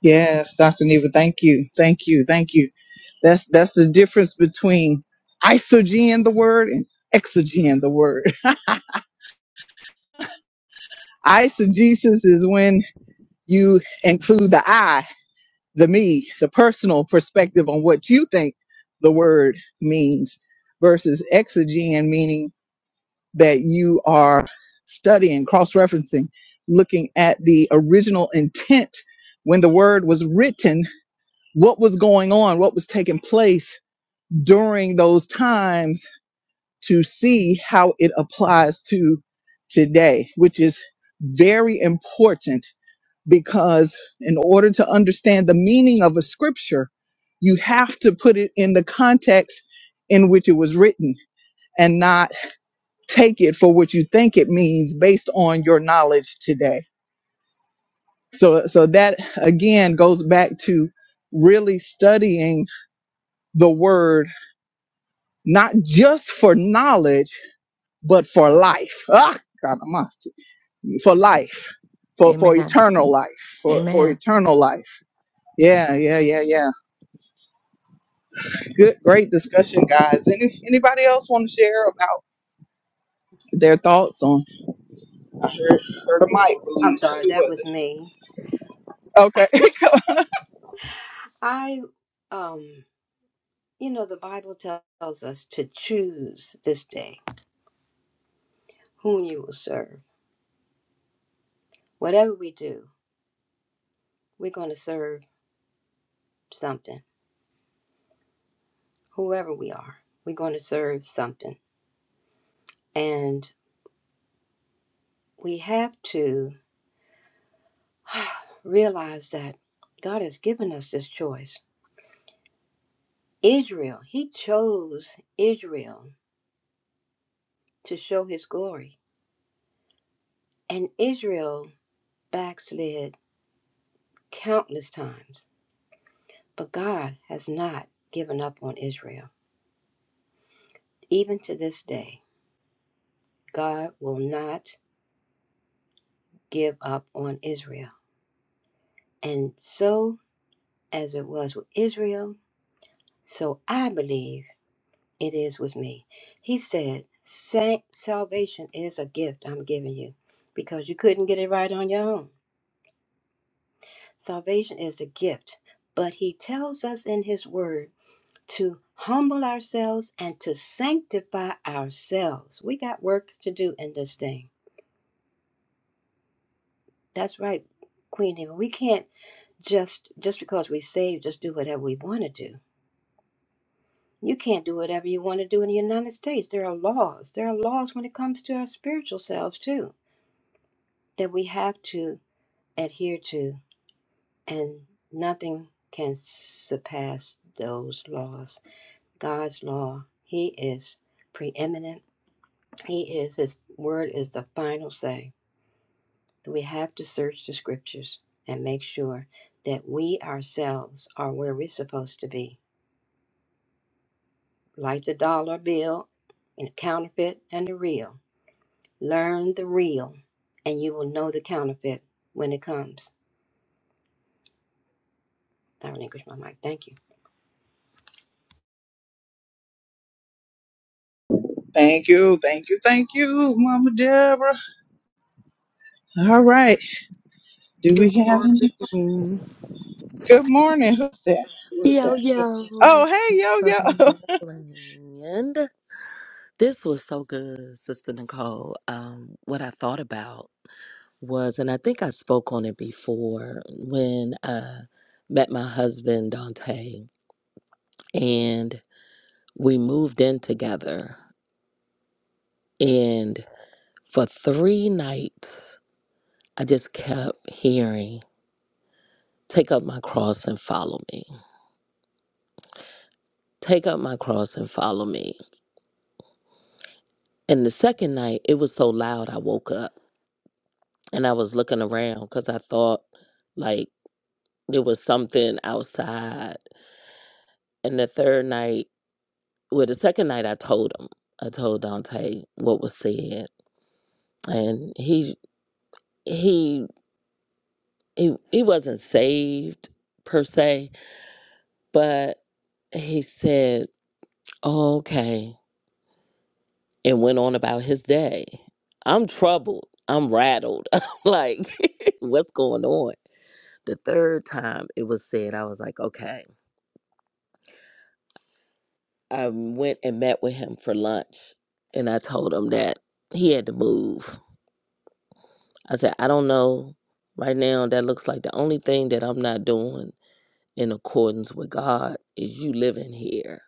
Speaker 1: Yes, Dr. Neva, thank you. Thank you. Thank you. That's that's the difference between isogen the word and exogen the word. Isogesis is when you include the I, the me, the personal perspective on what you think the word means versus exogen meaning that you are studying, cross referencing, looking at the original intent when the word was written, what was going on, what was taking place during those times to see how it applies to today, which is very important because in order to understand the meaning of a scripture, you have to put it in the context in which it was written and not take it for what you think it means based on your knowledge today. So so that again goes back to really studying the word not just for knowledge but for life. Ah, God, I'm lost. for life. For, for
Speaker 7: Amen.
Speaker 1: eternal life, for, for
Speaker 7: Amen.
Speaker 1: eternal life. Yeah, yeah, yeah, yeah. Good, great discussion, guys. Any, anybody else want to share about their thoughts on? I heard, heard a mic,
Speaker 6: I'm
Speaker 1: release.
Speaker 6: sorry,
Speaker 1: Who
Speaker 6: that
Speaker 1: was
Speaker 6: was
Speaker 1: it?
Speaker 6: me.
Speaker 1: Okay.
Speaker 6: I um you know the Bible tells us to choose this day whom you will serve. Whatever we do, we're gonna serve something. Whoever we are, we're gonna serve something. And we have to realize that God has given us this choice. Israel, he chose Israel to show his glory. And Israel backslid countless times, but God has not given up on Israel. Even to this day, God will not give up on Israel. And so, as it was with Israel, so I believe it is with me. He said, Salvation is a gift I'm giving you because you couldn't get it right on your own. Salvation is a gift, but He tells us in His Word to humble ourselves and to sanctify ourselves. We got work to do in this thing. That's right, Queen Eva. We can't just just because we saved, just do whatever we want to do. You can't do whatever you want to do in the United States. There are laws. There are laws when it comes to our spiritual selves too that we have to adhere to, and nothing can surpass those laws. God's law. He is preeminent He is, His word is the final say. We have to search the scriptures and make sure that we ourselves are where we're supposed to be. Like the dollar bill and the counterfeit and the real. Learn the real, and you will know the counterfeit when it comes. I relinquish my mic. Thank you.
Speaker 1: Thank you, thank you, thank you, Mama Deborah. All right, do we have any?
Speaker 9: Mm.
Speaker 1: Good morning. Who's that? Who is
Speaker 9: Yo,
Speaker 1: that?
Speaker 9: yo,
Speaker 1: Oh, hey, yo, yo.
Speaker 9: Southern Maryland. This was so good, Sister Nicole. Um, what I thought about was, and I think I spoke on it before when I met my husband, Dante, and we moved in together. And for three nights, I just kept hearing, Take up my cross and follow me. Take up my cross and follow me. And the second night, it was so loud, I woke up and I was looking around because I thought like there was something outside. And the third night, well, the second night, I told him, I told Dante what was said, and he he he he wasn't saved per se, but he said, oh, "Okay," and went on about his day. I'm troubled. I'm rattled. I'm like, what's going on? The third time it was said, I was like, okay I went and met with him for lunch and I told him that he had to move. I said, I don't know. Right now, that looks like the only thing that I'm not doing in accordance with God is you living here.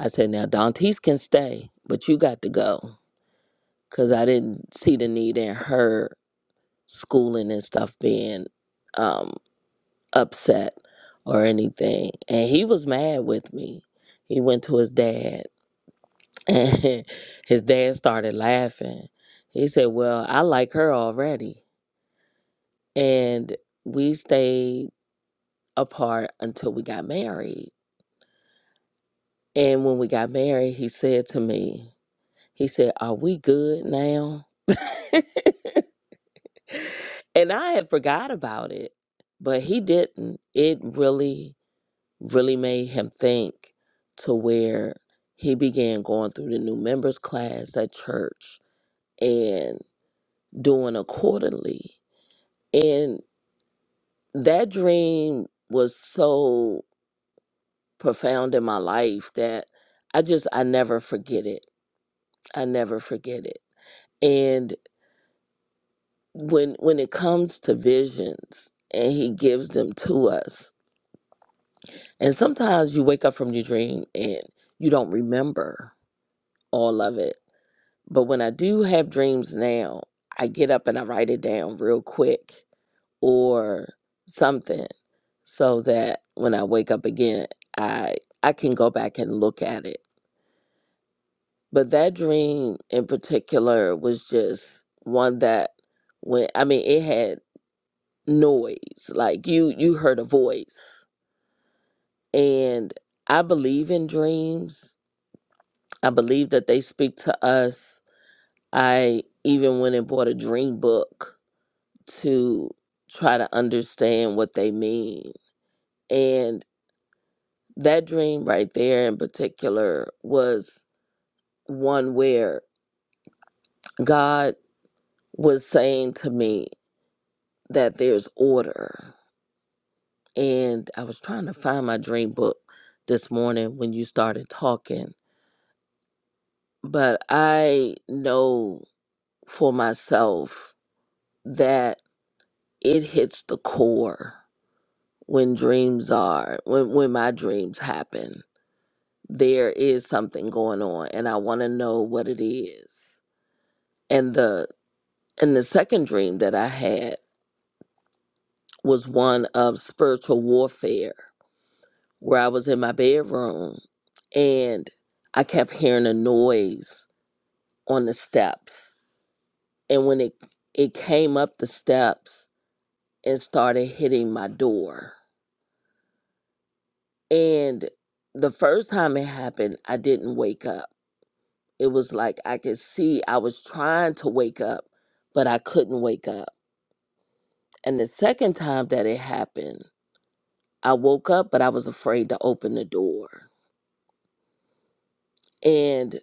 Speaker 9: I said, now Dantes can stay, but you got to go. Because I didn't see the need in her schooling and stuff being um, upset or anything. And he was mad with me. He went to his dad And his dad started laughing. He said, Well, I like her already. And we stayed apart until we got married. And when we got married, he said to me, He said, Are we good now? and I had forgot about it, but he didn't. It really, really made him think to where he began going through the new members class at church and doing a quarterly And that dream was so profound in my life that I just I never forget it. I never forget it. And when when it comes to visions and he gives them to us. And sometimes you wake up from your dream and you don't remember all of it. But when I do have dreams now, I get up and I write it down real quick or something so that when I wake up again, I I can go back and look at it. But that dream in particular was just one that when I mean it had noise. Like you you heard a voice. And I believe in dreams. I believe that they speak to us. I even went and bought a dream book to try to understand what they mean. and. that dream right there in particular was one where God was saying to me that there's order. And I was trying to find my dream book this morning when you started talking. But I know for myself that it hits the core when dreams are, when, when my dreams happen. There is something going on, and I want to know what it is. and the. And the second dream that I had was one of spiritual warfare, where I was in my bedroom and I kept hearing a noise on the steps. And when it it came up the steps and started hitting my door. And the first time it happened, I didn't wake up. It was like I could see I was trying to wake up, but I couldn't wake up. And the second time that it happened, I woke up, but I was afraid to open the door. And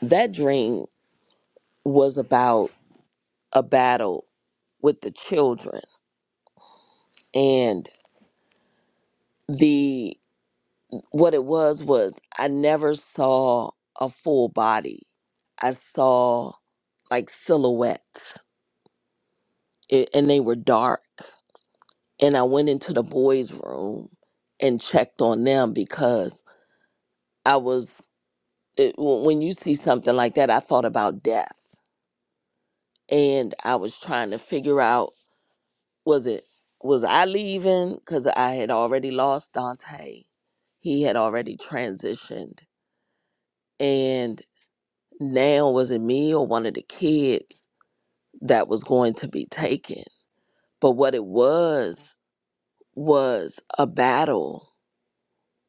Speaker 9: that dream was about a battle with the children. And the what it was was I never saw a full body. I saw like silhouettes a- and they were dark. And I went into the boys' room and checked on them because I was it, w- when you see something like that, I thought about death and I was trying to figure out was it was I leaving because I had already lost Dante. He had already transitioned, and now was it me or one of the kids that was going to be taken? But what it was was a battle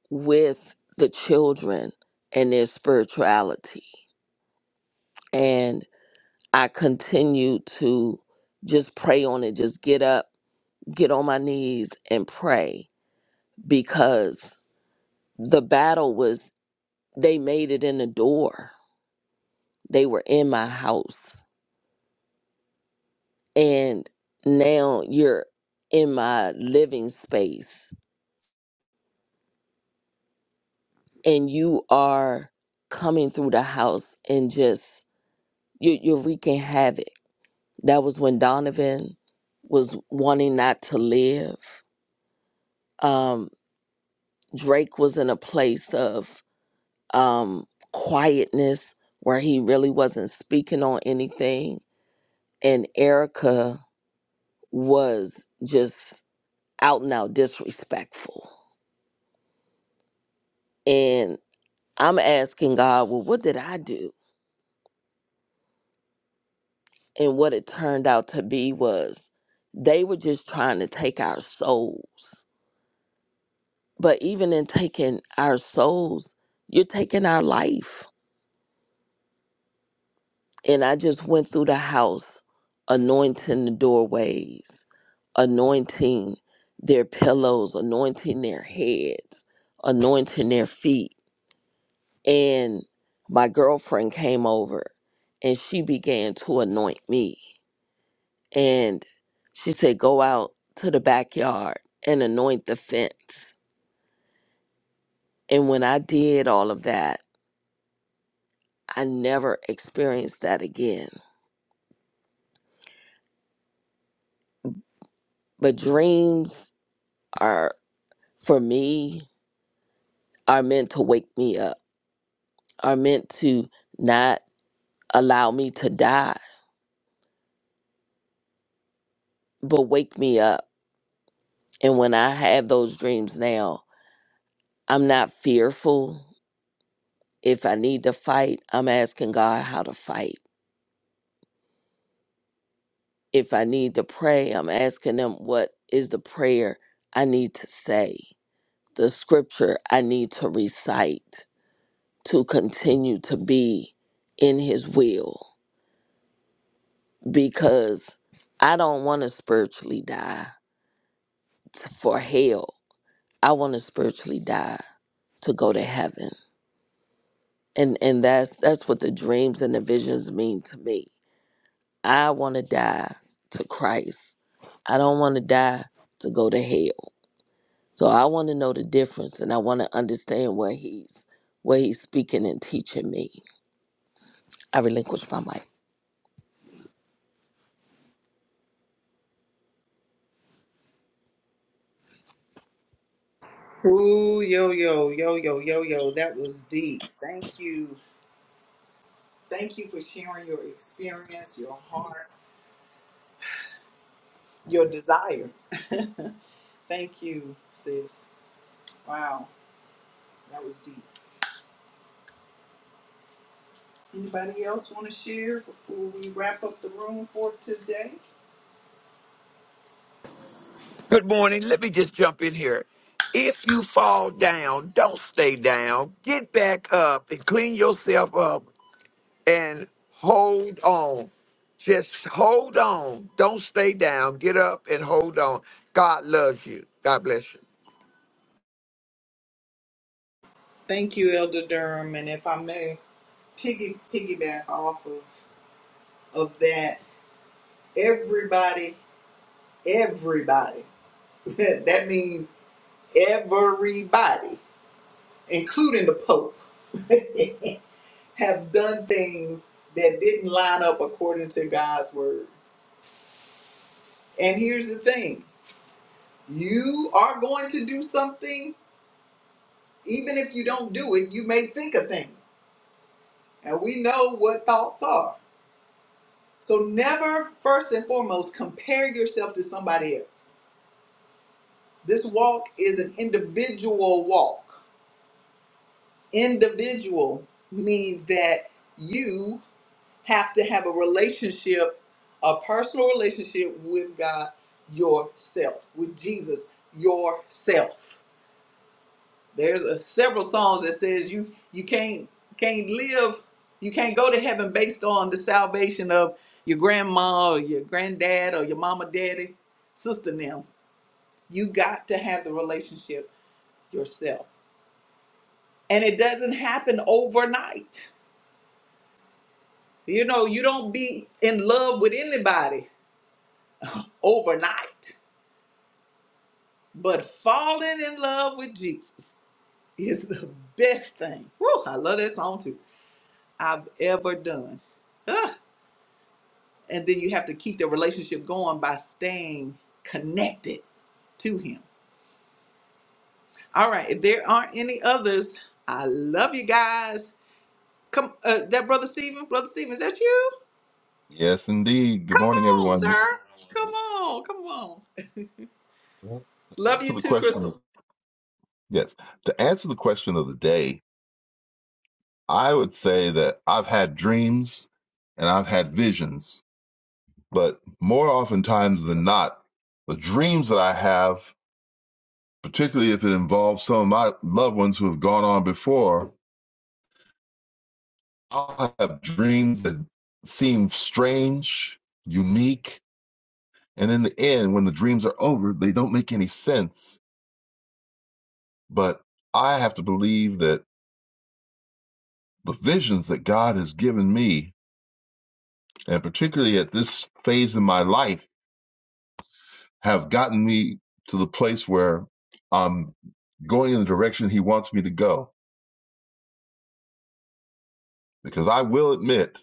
Speaker 9: with the children and their spirituality, and I continued to just pray on it, just get up, get on my knees, and pray because the battle was they made it in the door. They were in my house. And now you're in my living space and you are coming through the house and just you, you're wreaking havoc. That was when Donovan was wanting not to live. Um, Drake was in a place of um, quietness where he really wasn't speaking on anything. And Erica was just out and out disrespectful. And I'm asking God, well, what did I do? And what it turned out to be was they were just trying to take our souls. But even in taking our souls, you're taking our life. And I just went through the house, anointing the doorways, anointing their pillows, anointing their heads, anointing their feet and my girlfriend came over and she began to anoint me and she said go out to the backyard and anoint the fence and when i did all of that i never experienced that again but dreams are for me are meant to wake me up are meant to not allow me to die but wake me up and when i have those dreams now i'm not fearful If I need to fight, I'm asking God how to fight. If I need to pray, I'm asking Him what is the prayer I need to say, the scripture I need to recite to continue to be in His will. Because I don't want to spiritually die for hell. I want to spiritually die to go to heaven. And and that's that's what the dreams and the visions mean to me. I want to die to Christ. I don't want to die to go to hell. So I want to know the difference and I want to understand what he's what he's speaking and teaching me. I relinquish my mic.
Speaker 1: Ooh, yo, yo, yo, yo, yo, yo. That was deep. Thank you. Thank you for sharing your experience, your heart, your desire. Thank you, sis. Wow, that was deep. Anybody else want to share before we wrap up the room for today?
Speaker 4: Good morning. Let me just jump in here. If you fall down, don't stay down. Get back up and clean yourself up and hold on. Just hold on. Don't stay down. Get up and hold on. God loves you. God bless you.
Speaker 1: Thank you, Elder Durham. And if I may. piggy piggyback off of of that everybody everybody that means everybody including the pope have done things that didn't line up according to God's word and here's the thing you are going to do something even if you don't do it you may think a thing and we know what thoughts are so never first and foremost compare yourself to somebody else This walk is an individual walk. Individual means that you have to have a relationship, a personal relationship with God yourself, with Jesus yourself. There's a, several songs that says you you can't can't live, you can't go to heaven based on the salvation of your grandma or your granddad or your mama, daddy, sister. Now you got to have the relationship yourself. and it doesn't happen overnight. You know, you don't be in love with anybody overnight, but falling in love with Jesus is the best thing. Whew, I love that song too. I've ever done. Ugh. And then you have to keep the relationship going by staying connected to Him. All right, if there aren't any others, I love you guys. Come, uh, that brother Stephen, brother Stephen, is that you?
Speaker 10: Yes, indeed. Good morning,
Speaker 1: Come on,
Speaker 10: everyone.
Speaker 1: sir. Come on, come on.
Speaker 10: Well, to
Speaker 1: Love
Speaker 10: answer
Speaker 1: you
Speaker 10: the
Speaker 1: too,
Speaker 10: question,
Speaker 1: Crystal.
Speaker 10: yes, to answer the question of the day, I would say that I've had dreams and I've had visions, but more oftentimes than not, the dreams that I have, particularly if it involves some of my loved ones who have gone on before, I'll have dreams that seem strange, unique, and in the end, when the dreams are over, they don't make any sense. But I have to believe that the visions that God has given me, and particularly at this phase in my life, have gotten me to the place where I'm going in the direction He wants me to go. Because I will admit,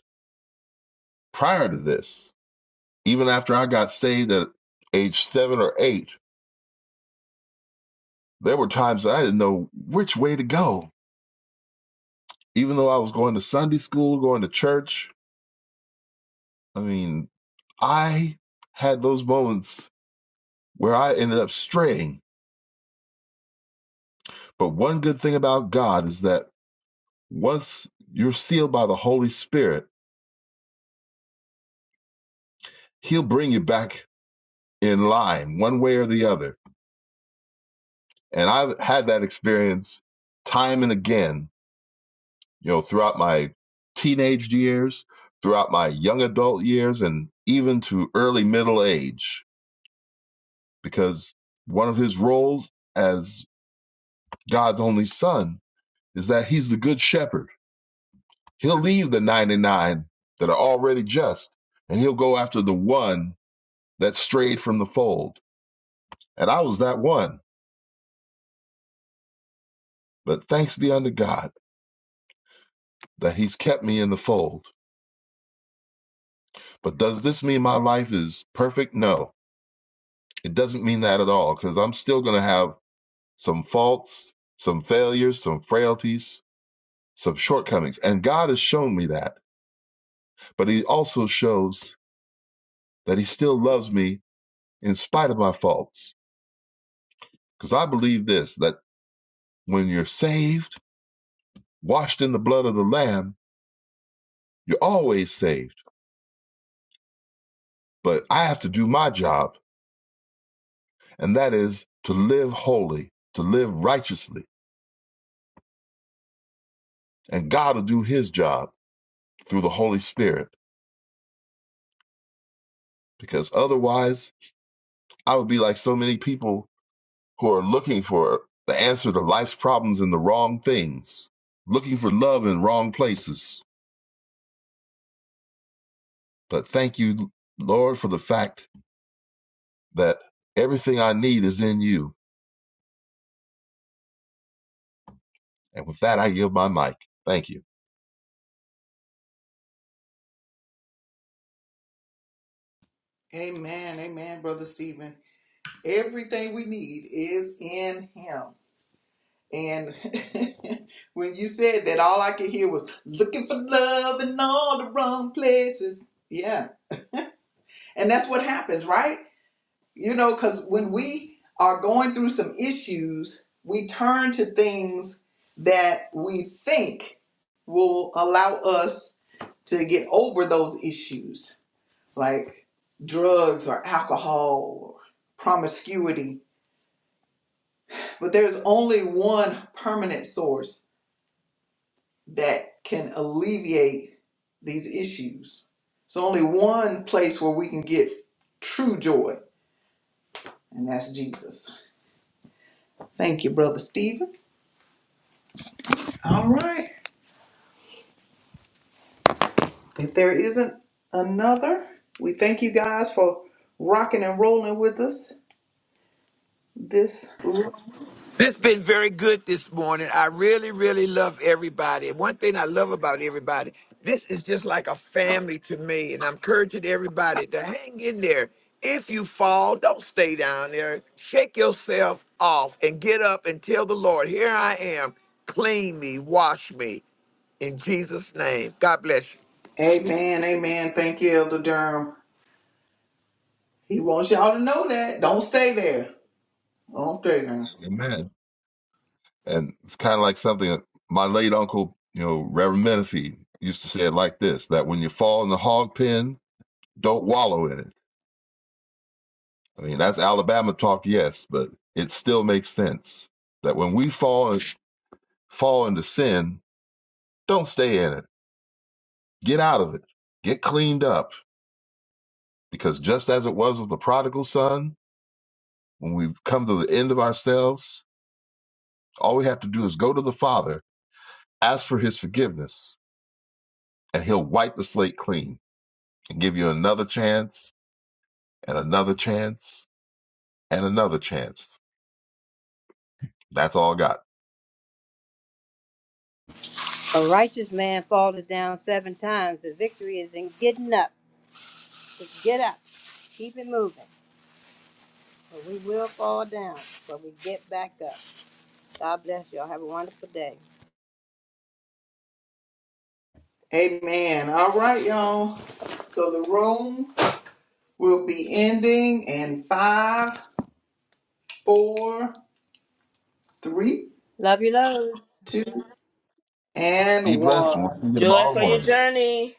Speaker 10: prior to this, even after I got saved at age seven or eight, there were times that I didn't know which way to go. Even though I was going to Sunday school, going to church, I mean, I had those moments where I ended up straying. But one good thing about God is that Once you're sealed by the Holy Spirit, He'll bring you back in line one way or the other. And I've had that experience time and again, you know, throughout my teenage years, throughout my young adult years, and even to early middle age, because one of His roles as God's only Son is that He's the Good Shepherd. He'll leave the 99 that are already just, and He'll go after the one that strayed from the fold And I was that one. But thanks be unto God that He's kept me in the fold. But does this mean my life is perfect? No, it doesn't mean that at all because I'm still going to have some faults, some failures, some frailties, some shortcomings. And God has shown me that. But He also shows that He still loves me in spite of my faults. Because I believe this that when you're saved, washed in the blood of the Lamb, you're always saved. But I have to do my job and that is to live holy, to live righteously. And God will do his job through the Holy Spirit because otherwise I would be like so many people who are looking for the answer to life's problems in the wrong things, looking for love in wrong places. But thank you, Lord, for the fact that everything I need is in you. And with that, I give my mic. Thank you.
Speaker 1: Amen. Amen, Brother Stephen. Everything we need is in Him. And when you said that, all I could hear was looking for love in all the wrong places. Yeah. And that's what happens, right? You know, because when we are going through some issues, we turn to things that we think will allow us to get over those issues like drugs or alcohol or promiscuity. But there's only one permanent source that can alleviate these issues. So only one place where we can get true joy, and that's Jesus. Thank you, Brother Stephen. All right. If there isn't another, we thank you guys for rocking and rolling with us this.
Speaker 4: This has been very good this morning. I really, really love everybody. And one thing I love about everybody, this is just like a family to me. And I'm encouraging everybody to hang in there. If you fall, don't stay down there. Shake yourself off and get up and tell the Lord, here I am. Clean me, wash me in Jesus' name. God bless you.
Speaker 1: Amen. Amen. Thank you, Elder Durham. He wants y'all to know that. Don't stay there. Don't stay there.
Speaker 10: Amen. And it's kind of like something that my late uncle, you know, Reverend Menifee used to say it like this, that when you fall in the hog pen, don't wallow in it. I mean, that's Alabama talk, yes, but it still makes sense that when we fall fall into sin, don't stay in it. Get out of it. Get cleaned up. Because just as it was with the prodigal son, when we come to the end of ourselves, all we have to do is go to the Father, ask for his forgiveness, and he'll wipe the slate clean and give you another chance and another chance and another chance. That's all I got.
Speaker 6: A righteous man falls down seven times. The victory is in getting up. Just get up. Keep it moving. But we will fall down, but we get back up. God bless you all. Have a wonderful day.
Speaker 1: Amen. All right, y'all. So the room will be ending in five, four, three,
Speaker 6: Love you loads.
Speaker 1: two,
Speaker 10: Be
Speaker 1: and
Speaker 10: blessed, and
Speaker 1: one.
Speaker 10: we'll see you
Speaker 9: Joy
Speaker 10: tomorrow
Speaker 9: for your
Speaker 10: morning.
Speaker 9: journey.